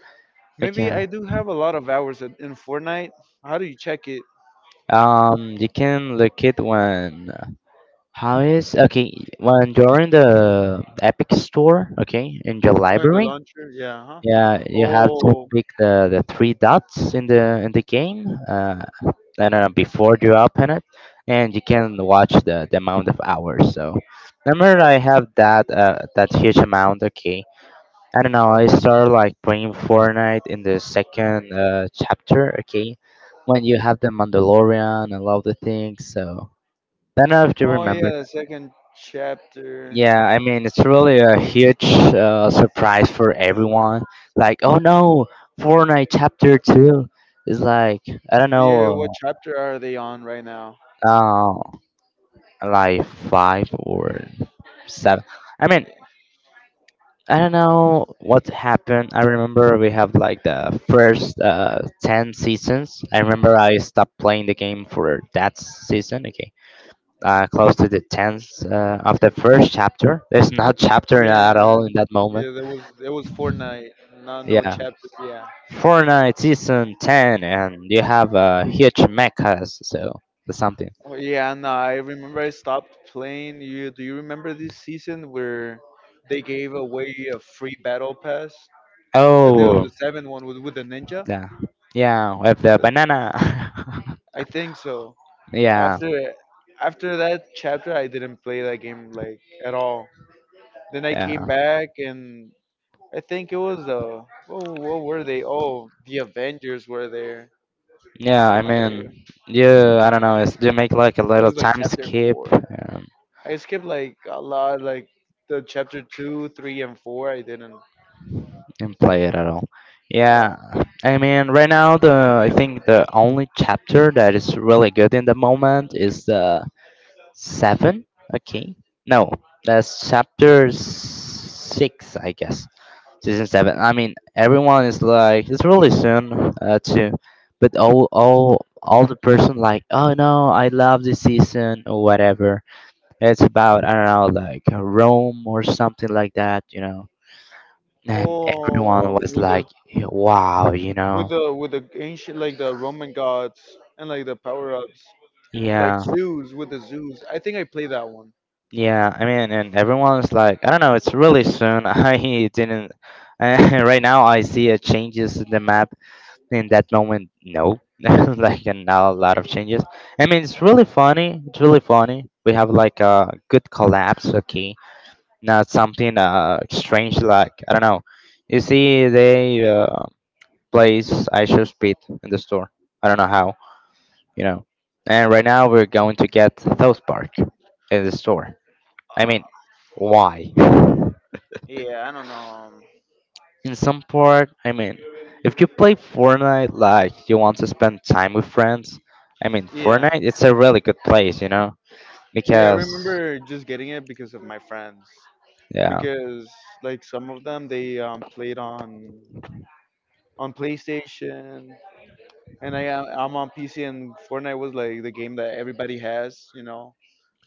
Speaker 2: Maybe
Speaker 1: because
Speaker 2: I do have a lot of hours at- in Fortnite. How do you check it?
Speaker 1: um, you can look it when how is okay when you're in the Epic Store, okay, in your
Speaker 2: Oh, in the
Speaker 1: library.
Speaker 2: launcher? Yeah, huh?
Speaker 1: Yeah, you have to
Speaker 2: Oh,
Speaker 1: pick the, the three dots in the in the game. Uh, I don't know, before you open it, and you can watch the, the amount of hours. So, remember, I have that uh, that huge amount. Okay, I don't know. I started like playing Fortnite in the second uh, chapter. Okay, when you have the Mandalorian and all the things. So, I don't know if you
Speaker 2: oh
Speaker 1: remember
Speaker 2: yeah, the
Speaker 1: that.
Speaker 2: second chapter.
Speaker 1: Yeah, I mean, it's really a huge uh, surprise for everyone. Like, oh no, Fortnite chapter two is like I don't
Speaker 2: Yeah,
Speaker 1: know.
Speaker 2: what chapter are they on right now?
Speaker 1: Uh, like five or seven. I mean, I don't know what happened. I remember we have like the first uh, ten seasons. I remember I stopped playing the game for that season. Okay, uh, close to the tenth uh, of the first chapter. There's no chapter at
Speaker 2: Yeah,
Speaker 1: all in that moment.
Speaker 2: yeah, there was it was Fortnite, not no
Speaker 1: Yeah,
Speaker 2: chapter. Yeah.
Speaker 1: Fortnite season ten, and you have a huge mechas. So something.
Speaker 2: Oh yeah, no, I remember I stopped playing. You do you remember this season where they gave away a free battle pass? I think it
Speaker 1: Oh,
Speaker 2: was the seventh one with with the ninja.
Speaker 1: yeah, yeah, with the banana.
Speaker 2: I think so.
Speaker 1: Yeah,
Speaker 2: After after that chapter, I didn't play that game like at all. Then I came
Speaker 1: yeah,
Speaker 2: back and I think it was uh oh, what were they? Oh, the Avengers were there.
Speaker 1: yeah.
Speaker 2: I'm
Speaker 1: I
Speaker 2: like,
Speaker 1: mean,
Speaker 2: it
Speaker 1: you I don't know it's, you make like a little
Speaker 2: was like
Speaker 1: time
Speaker 2: chapter
Speaker 1: skip,
Speaker 2: four.
Speaker 1: um,
Speaker 2: I skipped like a lot, like the chapter two, three, and four. I didn't
Speaker 1: and play it at all.
Speaker 2: at
Speaker 1: Yeah,
Speaker 2: all.
Speaker 1: I mean, right now
Speaker 2: Yeah,
Speaker 1: the I
Speaker 2: man.
Speaker 1: think the only chapter that is really good in the moment is the seven, okay, no, that's chapter six I guess, season seven. I mean, everyone is like, it's really soon uh, too, but all all all the person like, oh no, I love this season or whatever. It's about I don't know, like Rome or something like that, you know. And everyone
Speaker 2: Oh,
Speaker 1: was
Speaker 2: with the
Speaker 1: like, wow, you
Speaker 2: with
Speaker 1: know,
Speaker 2: the with the ancient, like the Roman gods and like the power ups, like
Speaker 1: yeah.
Speaker 2: zoos, with the zoos. I think I played that one.
Speaker 1: Yeah, I mean, and everyone's like, I don't know, it's really soon. I didn't. Right now, I see a changes in the map in that moment, no, like and now a lot of changes. I mean, it's really funny. It's really funny. We have like a good collapse, okay? Not something uh strange like I don't know. You see, they uh, place I show speed in the store. I don't know how, you know. And right now we're going to get South Park in the store. I mean, why?
Speaker 2: Yeah, I don't know.
Speaker 1: In some part, I mean, if you play Fortnite like you want to spend time with friends, I mean,
Speaker 2: Yeah,
Speaker 1: Fortnite it's a really good place, you know,
Speaker 2: yeah. I
Speaker 1: because
Speaker 2: remember just getting it because of my friends.
Speaker 1: yeah,
Speaker 2: Because like some of them, they um, played on on PlayStation, and I am- I'm on P C, and Fortnite was like the game that everybody has, you know.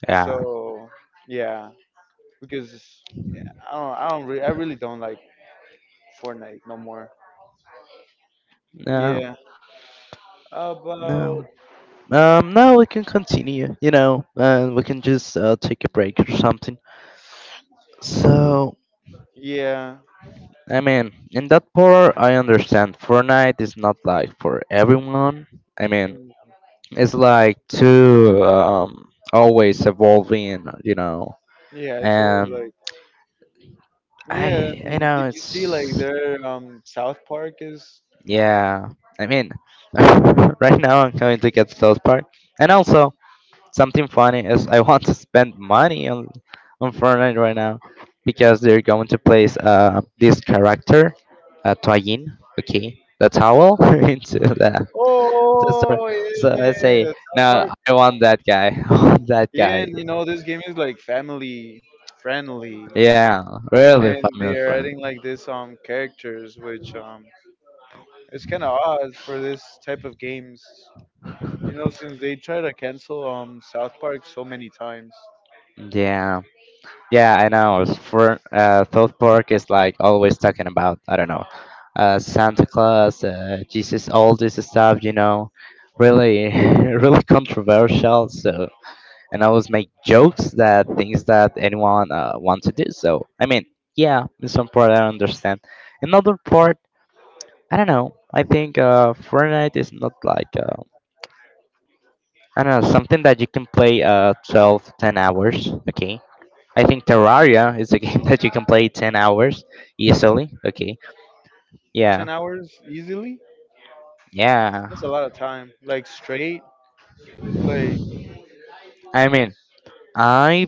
Speaker 1: yeah,
Speaker 2: So yeah, because I don't, I don't, re- I really don't like Fortnite no more.
Speaker 1: no,
Speaker 2: Yeah,
Speaker 1: no.
Speaker 2: about.
Speaker 1: Um, now we can continue, you know, and we can just uh, take a break or something. So,
Speaker 2: Yeah,
Speaker 1: I mean, in that part, I understand Fortnite is not like for everyone. I mean,
Speaker 2: mm,
Speaker 1: it's like too um, always evolving, you know,
Speaker 2: yeah. It's always
Speaker 1: and
Speaker 2: like. Yeah,
Speaker 1: I I know
Speaker 2: did you see like
Speaker 1: it's
Speaker 2: their um South Park is.
Speaker 1: yeah. I mean, right now I'm going to get South Park, and also something funny is I want to spend money on on Fortnite right now because they're going to place uh this character, uh Toyin, okay, the towel into the the store.
Speaker 2: Oh,
Speaker 1: So
Speaker 2: yeah,
Speaker 1: I say
Speaker 2: South
Speaker 1: no,
Speaker 2: Park.
Speaker 1: I want that guy, I want that
Speaker 2: Yeah,
Speaker 1: guy.
Speaker 2: and you know this game is like family friendly,
Speaker 1: Yeah, really
Speaker 2: and
Speaker 1: family
Speaker 2: they are
Speaker 1: friendly.
Speaker 2: adding like this um characters, which um it's kind of odd for this type of games. You know, since they try to cancel um South Park so many times.
Speaker 1: Yeah. Yeah, I know. It's for uh, South Park is like always talking about I don't know, uh, Santa Claus, uh, Jesus, all this stuff. You know,
Speaker 2: Hmm.
Speaker 1: really, really controversial. So, and always make jokes that things that anyone uh, want to do. So, I mean, yeah, in some part I understand. Another part, I don't know. I think uh, Fortnite is not like uh, I don't know something that you can play uh twelve ten hours. Okay, I think Terraria is a game that you can play ten hours easily. Okay. Yeah.
Speaker 2: Ten hours easily.
Speaker 1: Yeah.
Speaker 2: That's a lot of time. Like straight. Like,
Speaker 1: I mean, I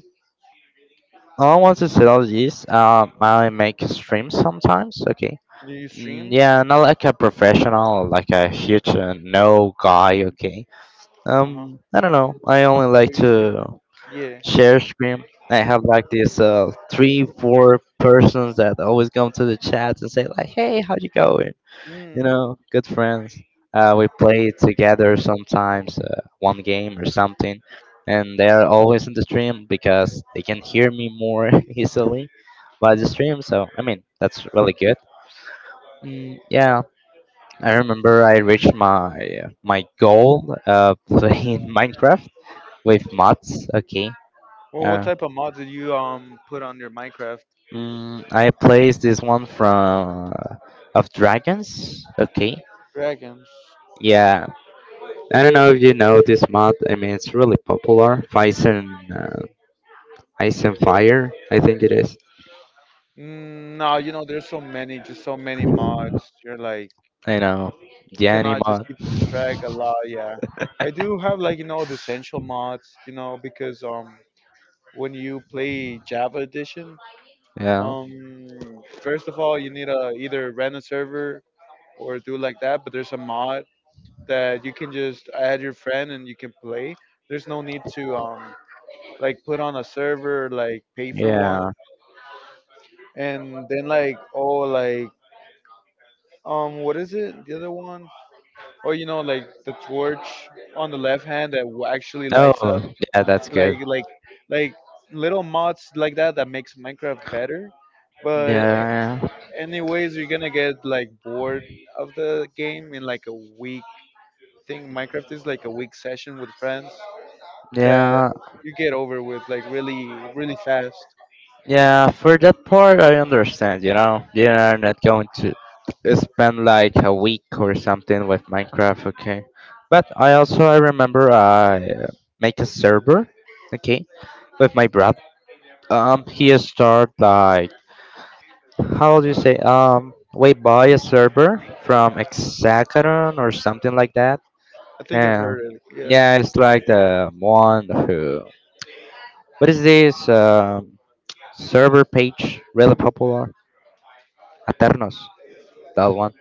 Speaker 1: all want to say all this. Um, I make streams sometimes. Okay.
Speaker 2: do you
Speaker 1: Mm,
Speaker 2: stream?
Speaker 1: yeah, not like a professional, like a huge uh, no guy. Okay.
Speaker 2: Uh huh.
Speaker 1: Um, I don't know. I only
Speaker 2: Yeah,
Speaker 1: like
Speaker 2: well, you stream
Speaker 1: to
Speaker 2: it. Yeah.
Speaker 1: share screen. I have like this uh, three, four persons that always come to the chat and say like, "Hey, how you going? You
Speaker 2: Mm.
Speaker 1: know, good friends. Uh, we play together sometimes, uh, one game or something, and they are always in the stream because they can hear me more easily by the stream. So I mean, that's really good. Mm, yeah, I remember I reached my my goal uh, playing Minecraft with mods. Okay,
Speaker 2: Well, what
Speaker 1: uh,
Speaker 2: type of mods did you um put on your Minecraft?
Speaker 1: mm, I placed this one from uh, of dragons. Okay,
Speaker 2: Dragons.
Speaker 1: yeah, I don't know if you know this mod. I mean, it's really popular. Fison, uh, Ice and Fire, I think it is.
Speaker 2: Mm, no, you know, there's so many, just so many mods. You're like,
Speaker 1: You know,
Speaker 2: you
Speaker 1: Yanni
Speaker 2: cannot just
Speaker 1: mod.
Speaker 2: keep track a lot. Yeah, I do have like you know the essential mods. You know, because um, when you play Java Edition,
Speaker 1: Yeah.
Speaker 2: um, first of all, you need a either rent a server or do like that. But there's a mod that you can just add your friend and you can play. There's no need to um like put on a server, like pay for one,
Speaker 1: Yeah.
Speaker 2: and then like, oh, like um what is it, the other one, or you know like the torch on the left hand that w- actually lights up.
Speaker 1: Oh, yeah, that's
Speaker 2: like
Speaker 1: good.
Speaker 2: like like little mods like that that makes Minecraft better, but a-
Speaker 1: Yeah,
Speaker 2: anyways you're gonna get like bored of the game in like a week thing. Minecraft is like a week session with friends that
Speaker 1: yeah,
Speaker 2: you get over with like really, really fast.
Speaker 1: yeah. For that part, I understand. You know, you know, I'm not going to spend like a week or something with Minecraft. Okay, but I also I remember I uh, make a server. Okay, with my brother. Um, he start like how would you say um we buy a server from Hexagon or something like that.
Speaker 2: I think I've
Speaker 1: Yeah,
Speaker 2: heard it. Yeah.
Speaker 1: yeah, it's like the one who. What is this um, server page really popular? Aternos, that one.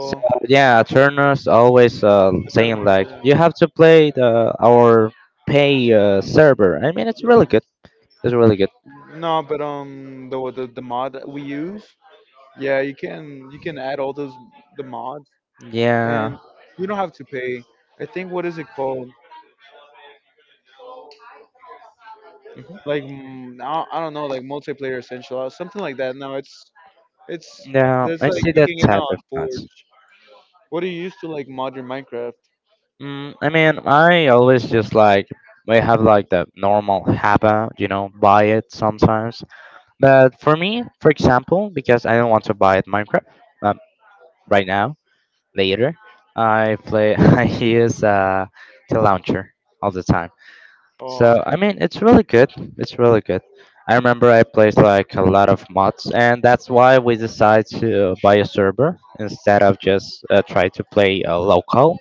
Speaker 1: So yeah, Aternos always uh,
Speaker 2: I thought
Speaker 1: saying
Speaker 2: about.
Speaker 1: like you have to play the our pay uh, server. I mean, it's really good. It's really good.
Speaker 2: No, but um, the the, the mod that we use, yeah, you can you can add all those the mods,
Speaker 1: Yeah,
Speaker 2: and you don't have to pay. I think, what is it called?
Speaker 1: mhm.
Speaker 2: Like, mm, I I don't know, like multiplayer essential or something like that. No, it's it's
Speaker 1: Yeah,
Speaker 2: there's
Speaker 1: I
Speaker 2: like
Speaker 1: see
Speaker 2: you
Speaker 1: that
Speaker 2: can get it
Speaker 1: type
Speaker 2: on
Speaker 1: of ads.
Speaker 2: Forge. What do you use to like mod your Minecraft?
Speaker 1: Mm, I mean, I always just like I have like the normal habit, you know, buy it sometimes. But for me, for example, because I don't want to buy it Minecraft um, right now, later, I play. I use uh, the launcher all the time.
Speaker 2: Oh,
Speaker 1: So I mean, it's really good. It's really good. I remember I played like a lot of mods, and that's why we decided to buy a server instead of just uh, try to play uh, local,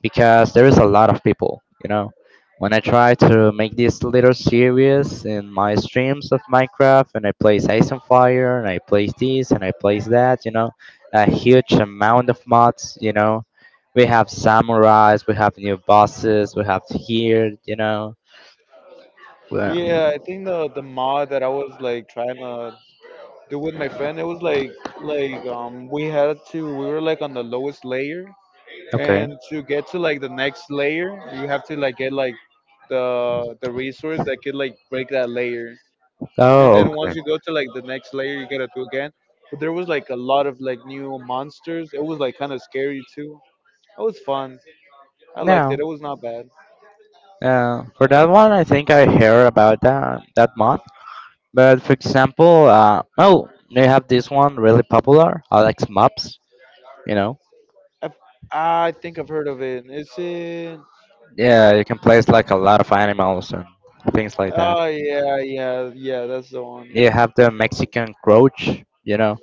Speaker 1: because there is a lot of people, you know, when I try to make this little series in my streams of Minecraft, and I place ice and fire, and I place this and I place that, you know, a huge amount of mods, you know, we have samurais, we have new bosses, we have here, you know, well,
Speaker 2: yeah, I think the the mod that I was like trying to do with my friend, it was like like um we had to we were like on the lowest layer,
Speaker 1: okay.
Speaker 2: and to get to like the next layer you have to like get like the the resource that could like break that layer, and
Speaker 1: Oh,
Speaker 2: then
Speaker 1: okay.
Speaker 2: once you go to like the next layer you gotta do again. But there was like a lot of like new monsters. It was like kind of scary too. It was fun. I liked
Speaker 1: Now,
Speaker 2: it. It was not bad.
Speaker 1: uh, for that one I think I hear about that that mod, but for example, uh, oh, they have this one really popular, Alex Mops. You know,
Speaker 2: I've, I think I've heard of it. Is it.
Speaker 1: yeah, you can place like a lot of animals and things like that.
Speaker 2: Oh, yeah, yeah, yeah, that's the one.
Speaker 1: You have the Mexican crouch, you know,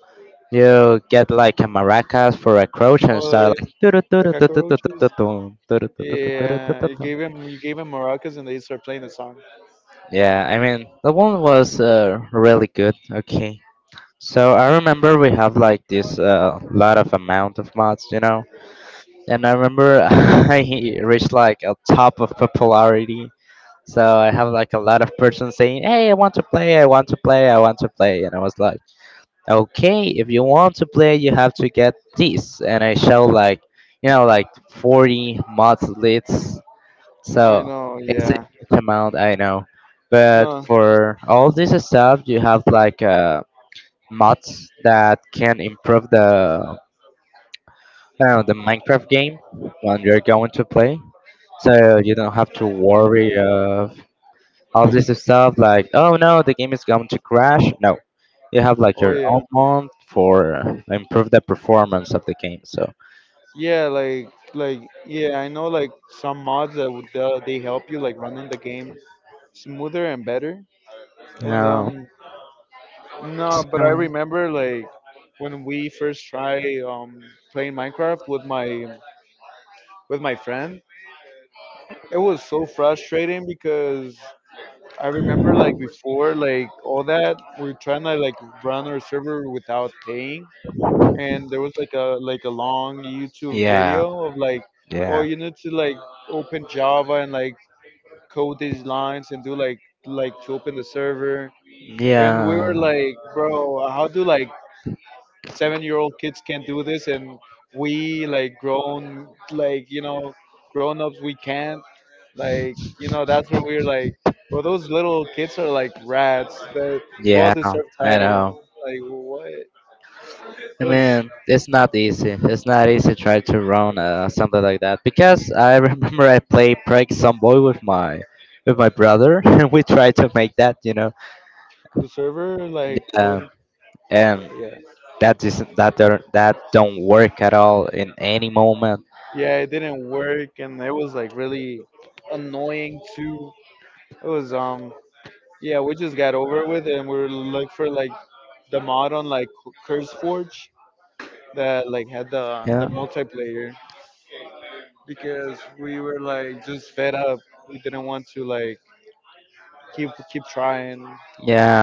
Speaker 1: you get like a maracas for a crouch and
Speaker 2: Oh,
Speaker 1: start
Speaker 2: the,
Speaker 1: like "Turu,
Speaker 2: the
Speaker 1: turu, tu, tu, tu, tu,
Speaker 2: cockroaches.
Speaker 1: tu, tum, turu, tu, tu, tu, turu, tu,
Speaker 2: Yeah,
Speaker 1: tu,
Speaker 2: you
Speaker 1: tum."
Speaker 2: gave him you gave him maracas and they start playing the song.
Speaker 1: Yeah, I mean the one was uh, really good. Okay, so I remember we have like this uh, lot of amount of mods, you know. And I remember I reached like a top of popularity. So I have like a lot of persons saying, "Hey, I want to play. I want to play. I want to play." And I was like, "Okay, if you want to play, you have to get this." And I show like, you know, like forty mods lists.
Speaker 2: I
Speaker 1: So
Speaker 2: know.
Speaker 1: it's a
Speaker 2: Yeah.
Speaker 1: huge amount, I know. But
Speaker 2: No.
Speaker 1: for all this stuff, you have like uh, mods that can improve the, I don't know, the Minecraft game when you're going to play. So you don't have to worry of all this stuff, like oh no the game is going to crash, no, you have like
Speaker 2: Oh
Speaker 1: your own
Speaker 2: yeah,
Speaker 1: mod for improve the performance of the game. So
Speaker 2: yeah, like like yeah, I know like some mods that would uh, they help you like running the game smoother and better. And
Speaker 1: no.
Speaker 2: um no, but I
Speaker 1: So,
Speaker 2: remember like when we first try um playing Minecraft with my with my friend, it was so frustrating because I remember like before like all that we are trying to like run our server without paying, and there was like a like a long YouTube
Speaker 1: yeah,
Speaker 2: video of like, oh,
Speaker 1: yeah,
Speaker 2: you need to like open Java and like code these lines and do like like to open the server. And we were
Speaker 1: yeah,
Speaker 2: like, bro, how do like seven year old kids can do this, and we like grown, like, you know grown ups we can't, like, you know that's where we are like, well, those little kids are like rats, the well
Speaker 1: yeah,
Speaker 2: deserved
Speaker 1: I
Speaker 2: title.
Speaker 1: know.
Speaker 2: Like what it
Speaker 1: I
Speaker 2: was.
Speaker 1: mean, it's not easy. It's not easy to try to run uh, something like that, because I remember I played Prank Some Boy with my with my brother, and we tried to make that, you know,
Speaker 2: The server, like,
Speaker 1: um,
Speaker 2: coding.
Speaker 1: and
Speaker 2: Yeah.
Speaker 1: that isn't, that don't, that don't work at all in any moment.
Speaker 2: Yeah, it didn't work and it was like really annoying too. It was um yeah, we just got over it with it and we were looking for like the mod on like Curse Forge that like had the the
Speaker 1: Yeah,
Speaker 2: multiplayer because we were like just fed up. We didn't want to like keep keep trying.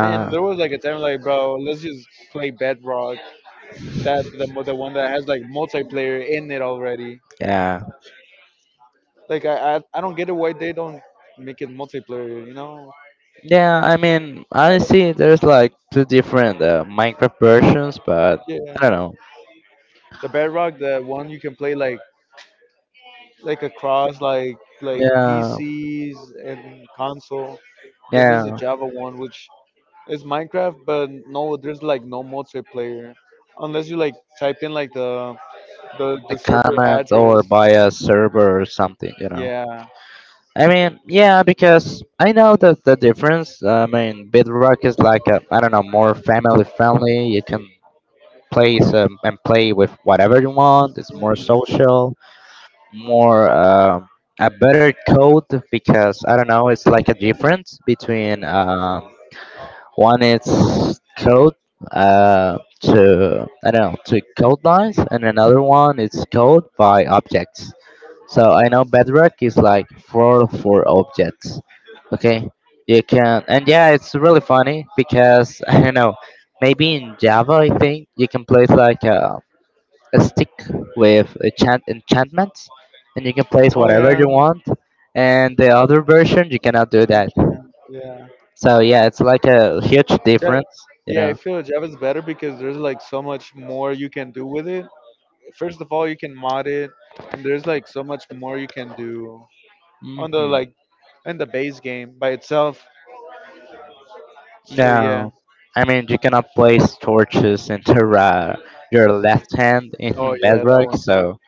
Speaker 2: And there was like a time, like, bro, let's just play Bedrock. That, the mo- the one that has like multiplayer in it already.
Speaker 1: yeah,
Speaker 2: Like I, I, I don't get it, why they don't make it multiplayer. You know,
Speaker 1: yeah. I mean,
Speaker 2: I
Speaker 1: I see
Speaker 2: don't,
Speaker 1: there's like two different uh, Minecraft versions, but
Speaker 2: yeah.
Speaker 1: I don't know.
Speaker 2: The Bedrock, the one you can play like, like across, like like
Speaker 1: Yeah,
Speaker 2: P Cs and console. Then there's the
Speaker 1: yeah,
Speaker 2: Java one, which is Minecraft, but no, there's like no multiplayer unless you like type in like the the
Speaker 1: a
Speaker 2: the server
Speaker 1: comment
Speaker 2: address.
Speaker 1: or by a server or something, you know.
Speaker 2: Yeah.
Speaker 1: I mean, yeah, because I know that the difference. I mean, Bedrock is like a, I don't know, more family friendly. You can play some and play with whatever you want. It's more social, more um a better code, because I don't know. It's like a difference between um, one is code uh, to, I don't know, to code lines, and another one is code by objects. So I know Bedrock is like four four objects. Okay, you can. And yeah, it's really funny because I don't know, maybe in Java I think you can place like a, a stick with enchant enchantments, and you can place
Speaker 2: Oh
Speaker 1: whatever
Speaker 2: yeah,
Speaker 1: you want. And the other version you cannot do
Speaker 2: you
Speaker 1: that.
Speaker 2: can. Yeah.
Speaker 1: So yeah, it's like a huge
Speaker 2: Ja-
Speaker 1: difference, you
Speaker 2: Yeah, I
Speaker 1: know.
Speaker 2: feel Java's better because there's like so much more you can do with it. First of all, you can mod it, and there's like so much more you can do on the
Speaker 1: Hmm.
Speaker 2: like in the base game by itself. So yeah.
Speaker 1: No, I mean you cannot place torches into uh, your left hand
Speaker 2: Oh
Speaker 1: in
Speaker 2: yeah, that
Speaker 1: Bedrock,
Speaker 2: one too.
Speaker 1: so.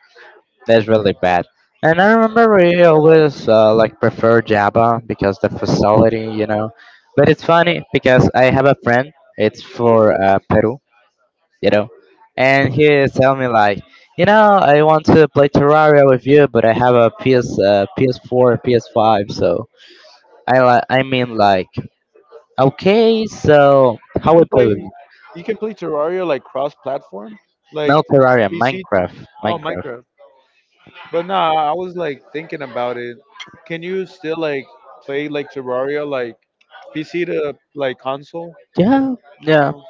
Speaker 1: That's really bad. And I remember we always uh, like prefer Java because the facility, you know. But it's funny because I have a friend. It's for uh, Peru, you know, and he is telling me like, you know, I want to play Terraria with you, but I have a P S, uh, P S four, P S five. So I like, I mean like, okay, so
Speaker 2: You
Speaker 1: how we
Speaker 2: can
Speaker 1: play
Speaker 2: play
Speaker 1: with you?
Speaker 2: you can play Terraria like cross platform, like
Speaker 1: No Terraria,
Speaker 2: P C.
Speaker 1: Minecraft,
Speaker 2: Oh,
Speaker 1: Minecraft.
Speaker 2: Minecraft. But nah, I was like thinking about it. Can you still like play like Terraria like P C to like console?
Speaker 1: Yeah, yeah.
Speaker 2: No.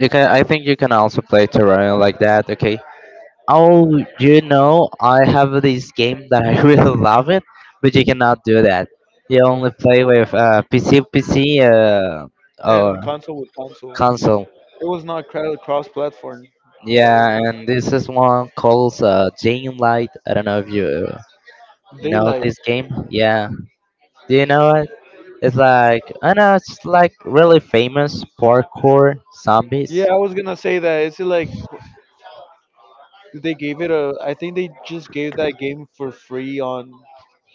Speaker 1: You can. I think you can also play Terraria like that. Okay. Oh, you know, I have this game that I really love it, but you cannot do that. You only play with uh, P C, P C, uh, or
Speaker 2: And console with console. It
Speaker 1: console.
Speaker 2: was not cross platform.
Speaker 1: Yeah, and this is one called uh, Jane Light. I don't know if you know
Speaker 2: Daylight.
Speaker 1: this game. Yeah, do you know it? It's like, I know it's like really famous parkour
Speaker 2: Yeah,
Speaker 1: zombies.
Speaker 2: I was gonna say that. Is it like, they gave it a. I think they just gave that game for free on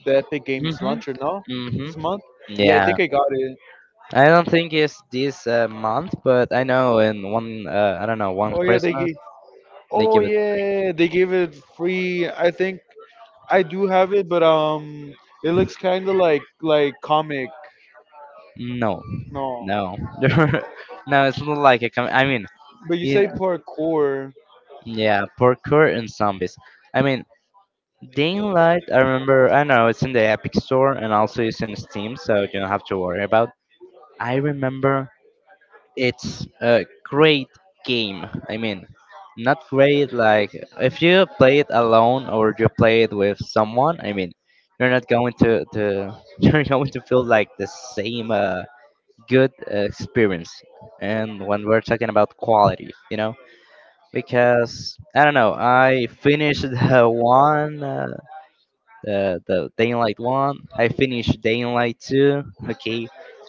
Speaker 2: the Epic Games
Speaker 1: Mhm.
Speaker 2: launcher. No,
Speaker 1: Mhm.
Speaker 2: this month. Yeah, I
Speaker 1: Yeah.
Speaker 2: think I got it.
Speaker 1: I don't think it's this uh, month, but I know in one, uh, I don't know, one
Speaker 2: Oh yeah, they
Speaker 1: Christmas
Speaker 2: gave.
Speaker 1: they
Speaker 2: Oh
Speaker 1: give it
Speaker 2: yeah, they gave it free. I think I do have it, but um, it looks kind of like like comic.
Speaker 1: free. No,
Speaker 2: No,
Speaker 1: no, no. It's not like a com-, I mean,
Speaker 2: but you
Speaker 1: in,
Speaker 2: say parkour,
Speaker 1: yeah, parkour and zombies. I mean, Daylight. I remember. I know it's in the Epic Store and also it's in Steam, so you don't have to worry about. I remember it's a great game. I mean, not great like if you play it alone or you play it with someone. I mean, you're not going to to you're going to feel like the same uh, good uh, experience. And when we're talking about quality, you know, because I don't know, I finished the one, uh, the the Daylight one. I finished Daylight two. Okay,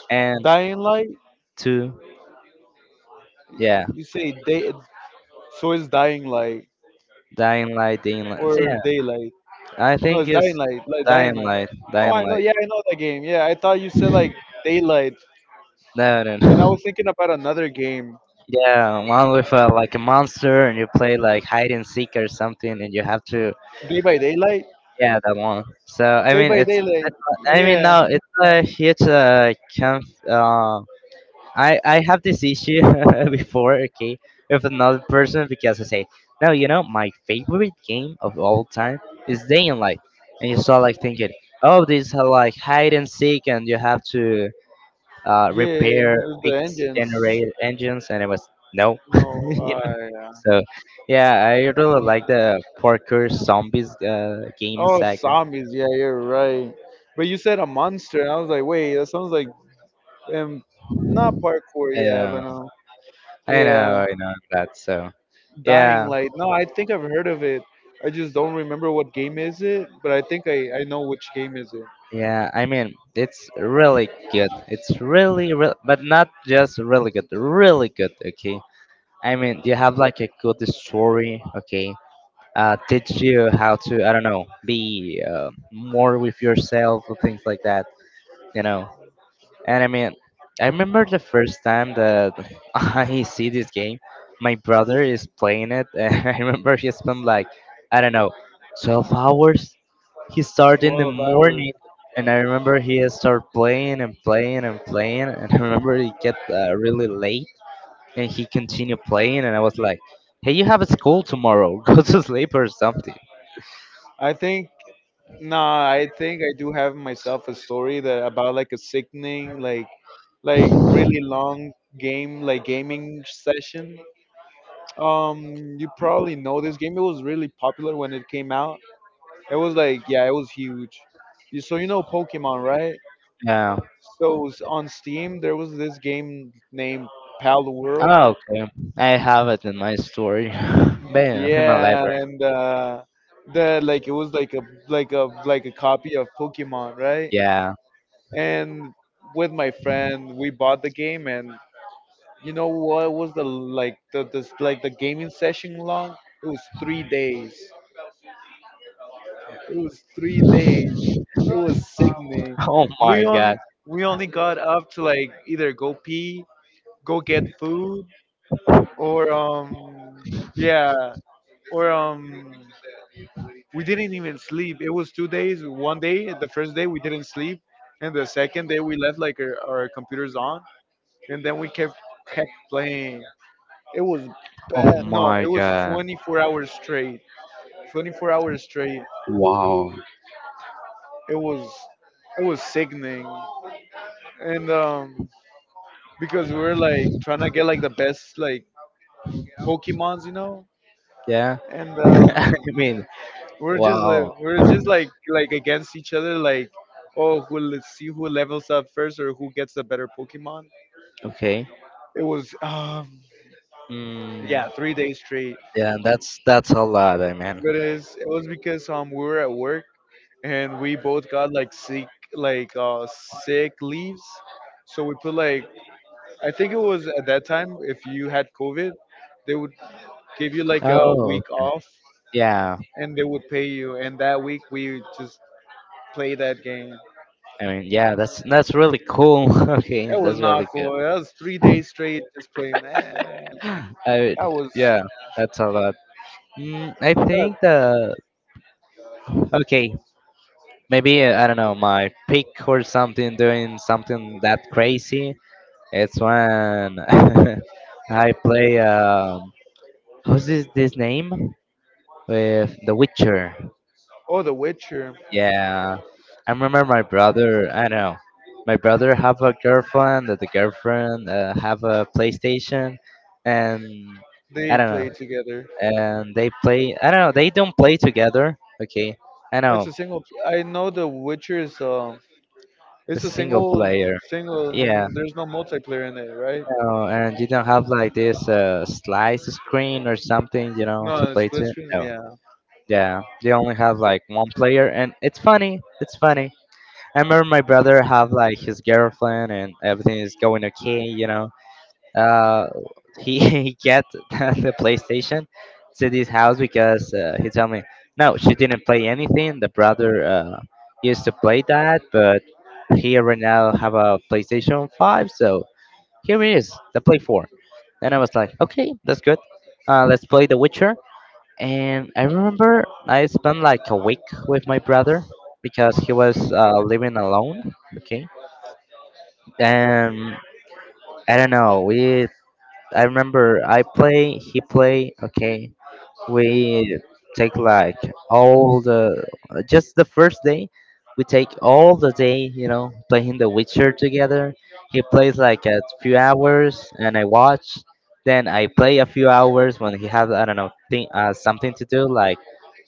Speaker 1: and
Speaker 2: dying light.
Speaker 1: two, yeah.
Speaker 2: You say day. So it's dying light
Speaker 1: Dying Light, Dying Light.
Speaker 2: or daylight.
Speaker 1: I
Speaker 2: No,
Speaker 1: think
Speaker 2: it's Dying
Speaker 1: it's
Speaker 2: Light. Like Dying
Speaker 1: Dying
Speaker 2: Light.
Speaker 1: Light.
Speaker 2: Oh, I
Speaker 1: Dying
Speaker 2: know.
Speaker 1: Light.
Speaker 2: Yeah, I know that game. Yeah, I thought you said like Daylight,
Speaker 1: No, no,
Speaker 2: and I
Speaker 1: no.
Speaker 2: was thinking about another game,
Speaker 1: Yeah, one with uh, like a monster, and you play like hide and seek or something, and you have to.
Speaker 2: Day by Daylight.
Speaker 1: Yeah, that one. So I
Speaker 2: Day
Speaker 1: mean,
Speaker 2: by
Speaker 1: it's. it's
Speaker 2: Daylight.
Speaker 1: I mean,
Speaker 2: Yeah,
Speaker 1: no, it's a huge uh, conf, uh I I have this issue before, okay, with another person because I say, no, you know, my favorite game of all time is Dying Light, and you start like thinking, oh, this is like hide and seek, and you have to uh,
Speaker 2: yeah.
Speaker 1: repair,
Speaker 2: With the
Speaker 1: fix
Speaker 2: engines.
Speaker 1: generator engines, and it was no.
Speaker 2: No,
Speaker 1: you
Speaker 2: uh,
Speaker 1: know?
Speaker 2: yeah.
Speaker 1: So yeah, I really
Speaker 2: Oh,
Speaker 1: like the parkour zombies uh, game
Speaker 2: oh,
Speaker 1: saga.
Speaker 2: zombies. Yeah, you're right. But you said a monster, and I was like, wait, that sounds like um, not parkour.
Speaker 1: I
Speaker 2: Yeah,
Speaker 1: know,
Speaker 2: but no.
Speaker 1: I
Speaker 2: Yeah,
Speaker 1: know, I know that. So
Speaker 2: Dying
Speaker 1: yeah,
Speaker 2: Light. No, I think I've heard of it. I just don't remember what game is it, but I think I, I know which game is it.
Speaker 1: yeah. I mean, it's really good. It's really, real, but not just really good. Really good. Okay. I mean, you have like a good story. Okay. Uh, teach you how to, I don't know, be uh, more with yourself or things like that. You know. And I mean, I remember the first time that I see this game. My brother is playing it, and I remember he spent like, I don't know, twelve hours. He started in the
Speaker 2: twelve hours.
Speaker 1: morning, and I remember he started playing and playing and playing, and I remember he get uh, really late, and he continued playing, and I was like, hey, you have a school tomorrow. Go to sleep or something.
Speaker 2: I think no, I think I do have myself a story that about like a sickening, like like really long game like gaming session. Um you probably know this game. It was really popular when it came out. It was like, yeah, it was huge. You so you know Pokemon, right?
Speaker 1: Yeah.
Speaker 2: So s- on Steam there was this game named Pal World.
Speaker 1: Oh, okay. I have it in my story. but yeah, in my
Speaker 2: Yeah,
Speaker 1: library.
Speaker 2: and uh the like it was like a like a like a copy of Pokemon, right?
Speaker 1: Yeah.
Speaker 2: And with my friend we bought the game. And you know what was the like the this like the gaming session long? It was three days. it was three days it was sickening.
Speaker 1: Oh
Speaker 2: we
Speaker 1: my
Speaker 2: only
Speaker 1: god.
Speaker 2: we only got up to like either go pee, go get food, or um yeah or um we didn't even sleep. It was two days. One day, the first day, we didn't sleep, and the second day we left like our, our computers on, and then we kept kept playing. It was
Speaker 1: Oh
Speaker 2: bad. No,
Speaker 1: my
Speaker 2: it was
Speaker 1: god.
Speaker 2: twenty-four hours straight. twenty-four hours straight.
Speaker 1: Wow.
Speaker 2: It was it was sickening, and um, because we were like trying to get like the best like Pokemons, you know,
Speaker 1: Yeah.
Speaker 2: and
Speaker 1: I
Speaker 2: um,
Speaker 1: mean,
Speaker 2: we we're just like
Speaker 1: wow.
Speaker 2: we we're just like like against each other, like oh, who let's see who levels up first or who gets the better Pokemon.
Speaker 1: Okay.
Speaker 2: It was um,
Speaker 1: Mm,
Speaker 2: yeah, three days straight.
Speaker 1: yeah, that's that's a lot. I mean.
Speaker 2: But it's, it was because um we were at work and we both got like sick, like uh sick leaves. So we put like, I think it was at that time if you had COVID they would give you like a
Speaker 1: Oh.
Speaker 2: week off,
Speaker 1: Yeah.
Speaker 2: and they would pay you, and that week we just played that game.
Speaker 1: I mean, yeah. That's that's really cool. okay,
Speaker 2: It was
Speaker 1: that's really
Speaker 2: not
Speaker 1: good.
Speaker 2: cool. That was three days straight just playing, man.
Speaker 1: I
Speaker 2: That was
Speaker 1: yeah. That's a lot. Mm, I
Speaker 2: that
Speaker 1: think the okay. Maybe uh, I don't know my pick or something doing something that crazy. It's when I play. Um, Who's this, this name? With The Witcher.
Speaker 2: or The Witcher.
Speaker 1: Yeah. I remember my brother, I know. My brother have a girlfriend, that the girlfriend uh, have a PlayStation, and I
Speaker 2: They
Speaker 1: don't know.
Speaker 2: played together.
Speaker 1: And they play, I don't know, they don't play together. Okay. I
Speaker 2: It's
Speaker 1: know.
Speaker 2: a single. I know The Witcher is um
Speaker 1: A
Speaker 2: it's a
Speaker 1: single
Speaker 2: single,
Speaker 1: player.
Speaker 2: single. Mm,
Speaker 1: Yeah.
Speaker 2: there's no multiplayer in it, right?
Speaker 1: No, and you don't have like this uh, slice screen or something, you know, to
Speaker 2: No, it's
Speaker 1: play
Speaker 2: split
Speaker 1: to.
Speaker 2: screens.
Speaker 1: No.
Speaker 2: Yeah,
Speaker 1: Yeah. They only have like one player and it's funny. It's funny. I remember my brother have like his girlfriend and everything is going okay, you know. Uh, he he get the PlayStation to this house because uh, he told me no, she didn't play anything. The brother uh, used to play that, but he right now have a PlayStation Five, so here it is, the Play Four. And I was like, okay, that's good. Uh, let's play The Witcher. And I remember I spent like a week with my brother because he was uh, living alone. Okay. And I don't know. We. I remember I play. He play. Okay, we take like all the uh, just the first day we take all the day, you know, playing The Witcher together. He plays like a few hours and I watch, then I play a few hours when he has, I don't know, thing, uh, something to do like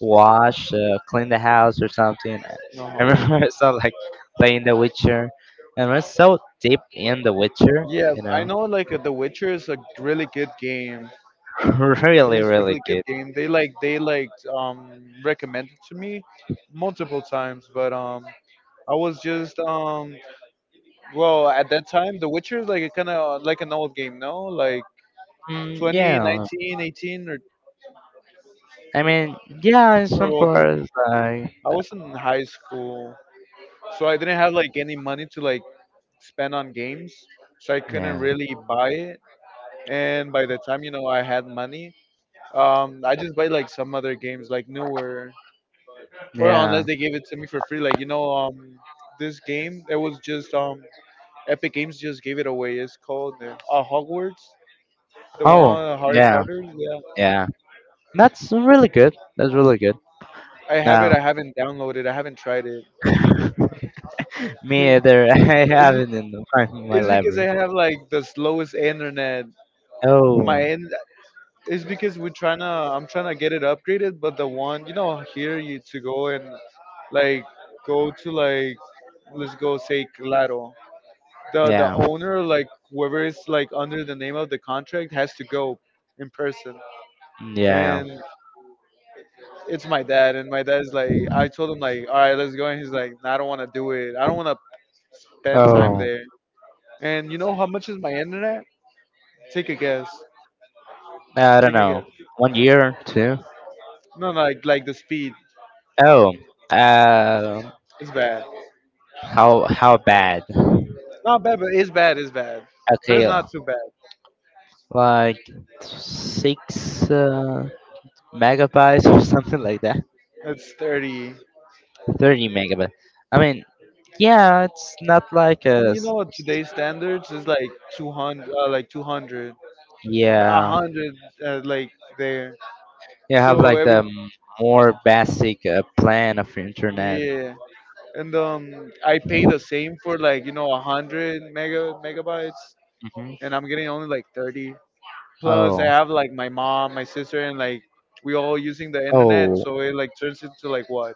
Speaker 1: wash, uh, clean the house or something. i I
Speaker 2: no.
Speaker 1: remember so like playing The Witcher, and we're so deep in The Witcher,
Speaker 2: Yeah,
Speaker 1: you
Speaker 2: I
Speaker 1: know,
Speaker 2: know. Like uh, The Witcher is a really good game.
Speaker 1: really
Speaker 2: It's
Speaker 1: really
Speaker 2: really good
Speaker 1: good.
Speaker 2: game. They like they like um recommended to me multiple times, but um I was just um well, at that time The Witcher is like a kind of like an old game, no? Like
Speaker 1: mm,
Speaker 2: twenty,
Speaker 1: yeah,
Speaker 2: nineteen, eighteen or
Speaker 1: I mean, yeah, in
Speaker 2: or
Speaker 1: some
Speaker 2: older.
Speaker 1: parts, like,
Speaker 2: I was in high school, so I didn't have like any money to like spent on games, so I couldn't
Speaker 1: yeah,
Speaker 2: really buy it. And by the time, you know, I had money, um, I just buy like some other games, like newer, or
Speaker 1: yeah.
Speaker 2: unless they gave it to me for free. Like, you know, um, this game it was just um, Epic Games just gave it away. It's called uh, uh, Hogwarts, the
Speaker 1: Oh,
Speaker 2: one uh, Harry
Speaker 1: yeah,
Speaker 2: Potter. Yeah,
Speaker 1: yeah. That's really good. That's really good.
Speaker 2: I have it.
Speaker 1: Now,
Speaker 2: I haven't downloaded. I haven't tried it.
Speaker 1: me
Speaker 2: it's,
Speaker 1: either. I have
Speaker 2: be-
Speaker 1: it in the- in my
Speaker 2: it's because I
Speaker 1: library.
Speaker 2: have like the slowest internet.
Speaker 1: Oh,
Speaker 2: My in- It's because we're trying to, I'm trying to get it upgraded, but the one, you know, here you to go and like go to like, let's go say Claro. The the
Speaker 1: yeah,
Speaker 2: owner, like whoever is like under the name of the contract, has to go in person.
Speaker 1: yeah.
Speaker 2: And it's my dad, and my dad's like, I told him like, all right, let's go, and he's like, "Nah, I don't want to do it. I don't want to spend time
Speaker 1: Oh,
Speaker 2: there." And you know how much is my internet? Take a guess.
Speaker 1: I don't
Speaker 2: Take a
Speaker 1: know.
Speaker 2: guess.
Speaker 1: One year, two.
Speaker 2: No, no, like like the speed.
Speaker 1: Oh, uh,
Speaker 2: It's bad.
Speaker 1: how how bad?
Speaker 2: Not bad, but it's bad. It's bad, but
Speaker 1: Okay,
Speaker 2: it's
Speaker 1: uh,
Speaker 2: not too bad.
Speaker 1: like six uh, megabytes or something like that.
Speaker 2: It's thirty.
Speaker 1: thirty megabit. I mean, yeah, it's not like a
Speaker 2: You
Speaker 1: s-
Speaker 2: know what today's standards is? Like two hundred, uh, like two hundred, a
Speaker 1: yeah.
Speaker 2: hundred, uh, like there.
Speaker 1: You have
Speaker 2: So
Speaker 1: like
Speaker 2: every
Speaker 1: the m- more basic uh, plan of your internet.
Speaker 2: Yeah, and um, I pay the same for like, you know, a hundred mega megabytes,
Speaker 1: hmm
Speaker 2: and I'm getting only like thirty. Plus, I
Speaker 1: Oh,
Speaker 2: have like my mom, my sister, and like we all using the internet,
Speaker 1: oh,
Speaker 2: so it like turns into like what,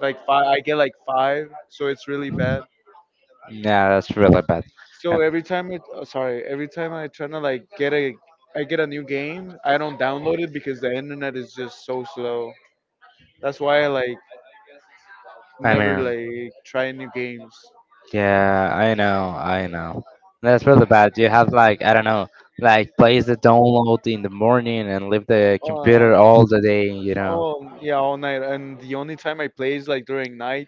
Speaker 2: like five. I get like five, so it's really bad.
Speaker 1: yeah, that's really bad. I,
Speaker 2: So every time it, oh, sorry, every time I try to like get a, I get a new game, I don't download it because the internet is just so slow. That's why I like
Speaker 1: I
Speaker 2: never
Speaker 1: mean,
Speaker 2: like try new games.
Speaker 1: yeah, I know, I know. That's really bad. You have like I don't know, like place the download in the morning and leave the computer
Speaker 2: Um,
Speaker 1: all the day. You know.
Speaker 2: oh yeah, all night. And the only time I play is like during night,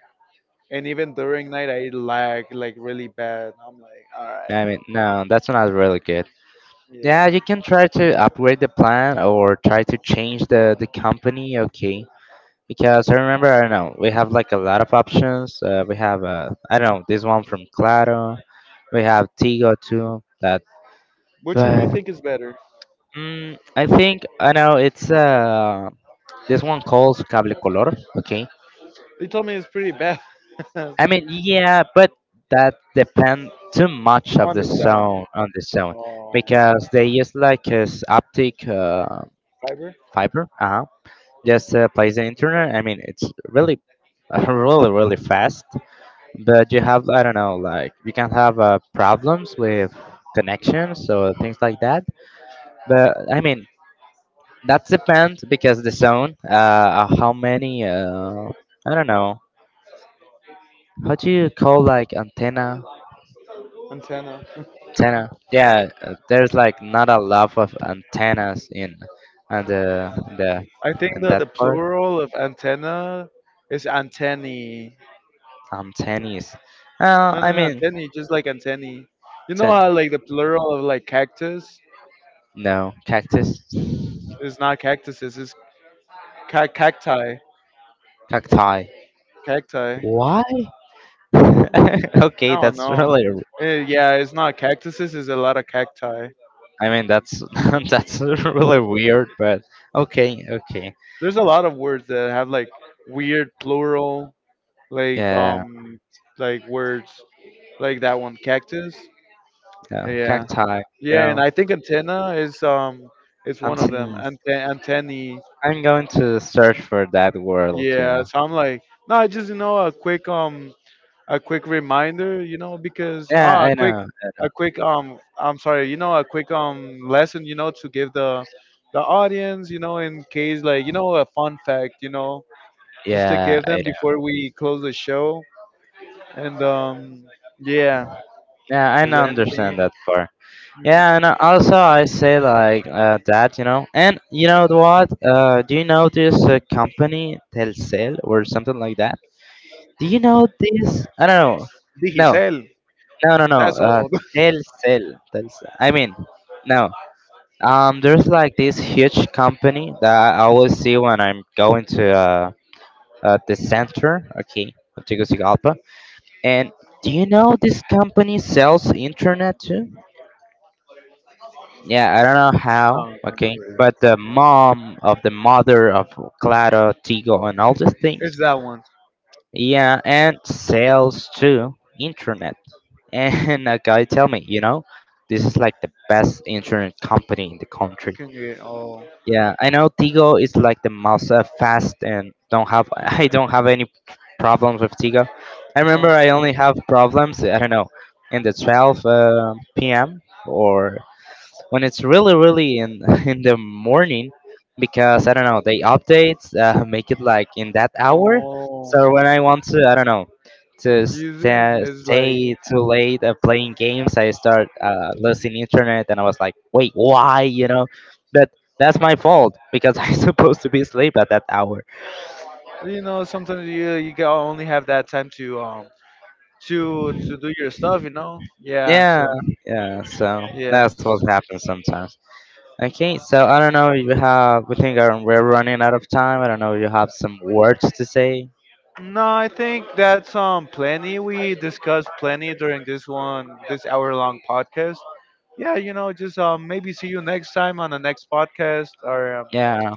Speaker 2: and even during night I lag like really bad. I'm like, all right,
Speaker 1: I mean, no, that's not really good. Yeah,
Speaker 2: yeah.
Speaker 1: you can try to upgrade the plan or try to change the the company. Okay, because I remember I don't know we have like a lot of options. Uh, we have uh I don't know this one from Claro. We have Tigo too. That
Speaker 2: Which one do you
Speaker 1: but
Speaker 2: think is better?
Speaker 1: mm, I think I know it's uh this one calls Cable Color. Okay,
Speaker 2: They told me it's pretty bad on
Speaker 1: I mean yeah, but that depend too much of the
Speaker 2: the sound.
Speaker 1: zone on the zone
Speaker 2: Oh,
Speaker 1: because they use like as optic uh,
Speaker 2: fiber
Speaker 1: fiber. Uh just uh, plays the internet. I mean, it's really, really, really fast. But you have, I don't know, like you can have uh, problems with connections so things like that. But I mean, that depends because the zone, uh, uh, how many, uh, I don't know, how do you call like antenna,
Speaker 2: antenna.
Speaker 1: antenna? Yeah, uh, there's like not a lot of antennas in, and the the
Speaker 2: I think
Speaker 1: in
Speaker 2: the
Speaker 1: that
Speaker 2: the
Speaker 1: part.
Speaker 2: plural of antenna is antennae.
Speaker 1: Antennas. Uh,
Speaker 2: No, no,
Speaker 1: I
Speaker 2: no,
Speaker 1: mean,
Speaker 2: antennae, just like antennae. You know
Speaker 1: ten.
Speaker 2: how like the plural of like cactus
Speaker 1: No, cactus,
Speaker 2: is not cactuses, it's ca- cacti.
Speaker 1: cacti.
Speaker 2: Cacti.
Speaker 1: Why?
Speaker 2: I
Speaker 1: okay,
Speaker 2: don't
Speaker 1: that's
Speaker 2: know.
Speaker 1: really.
Speaker 2: Eh, yeah, it's not cactuses. It's a lot of cacti.
Speaker 1: I mean, that's that's really weird, but okay, okay.
Speaker 2: There's a lot of words that have like weird plural, like
Speaker 1: Yeah,
Speaker 2: um, like words like that one, cactus.
Speaker 1: yeah.
Speaker 2: Yeah,
Speaker 1: Cacti. You
Speaker 2: yeah, and
Speaker 1: know,
Speaker 2: I think antenna is um, it's one of them.
Speaker 1: Antonese.
Speaker 2: Ante- antennae.
Speaker 1: I'm going to search for that world. You
Speaker 2: Yeah,
Speaker 1: know.
Speaker 2: so I'm like, no, I just, you know, a quick um a quick reminder, you know, because
Speaker 1: Yeah,
Speaker 2: ah a
Speaker 1: I
Speaker 2: quick
Speaker 1: know. I know.
Speaker 2: a quick um I'm sorry, you know, a quick um lesson, you know, to give the the audience, you know, in case like, you know, a fun fact, you know, just to
Speaker 1: Yeah,
Speaker 2: give
Speaker 1: I
Speaker 2: them
Speaker 1: know.
Speaker 2: before we close the show. And um yeah,
Speaker 1: Yeah, I
Speaker 2: is
Speaker 1: know-
Speaker 2: there anything?
Speaker 1: understand that part. Yeah,
Speaker 2: Mhm.
Speaker 1: and uh, also I say like uh, that, you know. And you know what? Uh, do you know this uh, company Telcel or something like that? Do you know this? I don't know. No,
Speaker 2: Digicel,
Speaker 1: no, no, no.
Speaker 2: that's
Speaker 1: Uh,
Speaker 2: old.
Speaker 1: Telcel, Telcel. I mean, no. Um, there's like this huge company that I always see when I'm going to uh, uh the center, okay, of Tegucigalpa. And do you know this company sells internet too? Yeah, I don't know how,
Speaker 2: No, no, not
Speaker 1: okay.
Speaker 2: really.
Speaker 1: But the mom of the mother of Claro, Tigo, and all these things.
Speaker 2: It's that one.
Speaker 1: Yeah, and sales too, internet. And a guy tell me, you know, this is like the best internet company in the
Speaker 2: You
Speaker 1: country.
Speaker 2: can get oh
Speaker 1: Yeah, I know Tigo is like the most uh, fast and don't have I don't have any problems with Tigo. I remember
Speaker 2: oh
Speaker 1: I only have problems I don't know in the twelve uh, p m or when it's really really in in the morning because I don't know they update uh, make it like in that hour
Speaker 2: oh.
Speaker 1: so when I want to I don't know to
Speaker 2: Using
Speaker 1: sta
Speaker 2: is like,
Speaker 1: stay too late uh, playing games I start uh, losing internet and I was like wait why you know but that's my fault because I'm supposed to be asleep at that hour
Speaker 2: you know, sometimes you you can only have that time to um to to do your stuff, you know. Yeah,
Speaker 1: yeah
Speaker 2: so
Speaker 1: yeah so
Speaker 2: yeah.
Speaker 1: that's what happens sometimes. Okay, so I don't know if you have, we think um, we're running out of time. I don't know if you have some words to say.
Speaker 2: No, I think that's um plenty. We discussed plenty during this one this hour long podcast. Yeah, you know, just um maybe see you next time on the next podcast, or um,
Speaker 1: Yeah,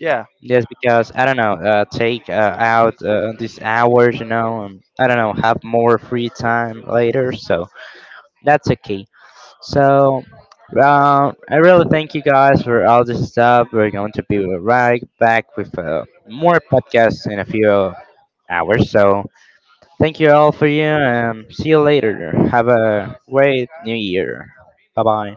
Speaker 2: yeah
Speaker 1: yes, because I don't know, uh, take uh, out uh, these hours, you know, and I don't know, have more free time later, so that's okay. So, uh, I really thank you guys for all this stuff. We're going to be right back with uh, more podcasts in a few hours, so thank you all for you, and see you later. Have a great new year. Bye bye.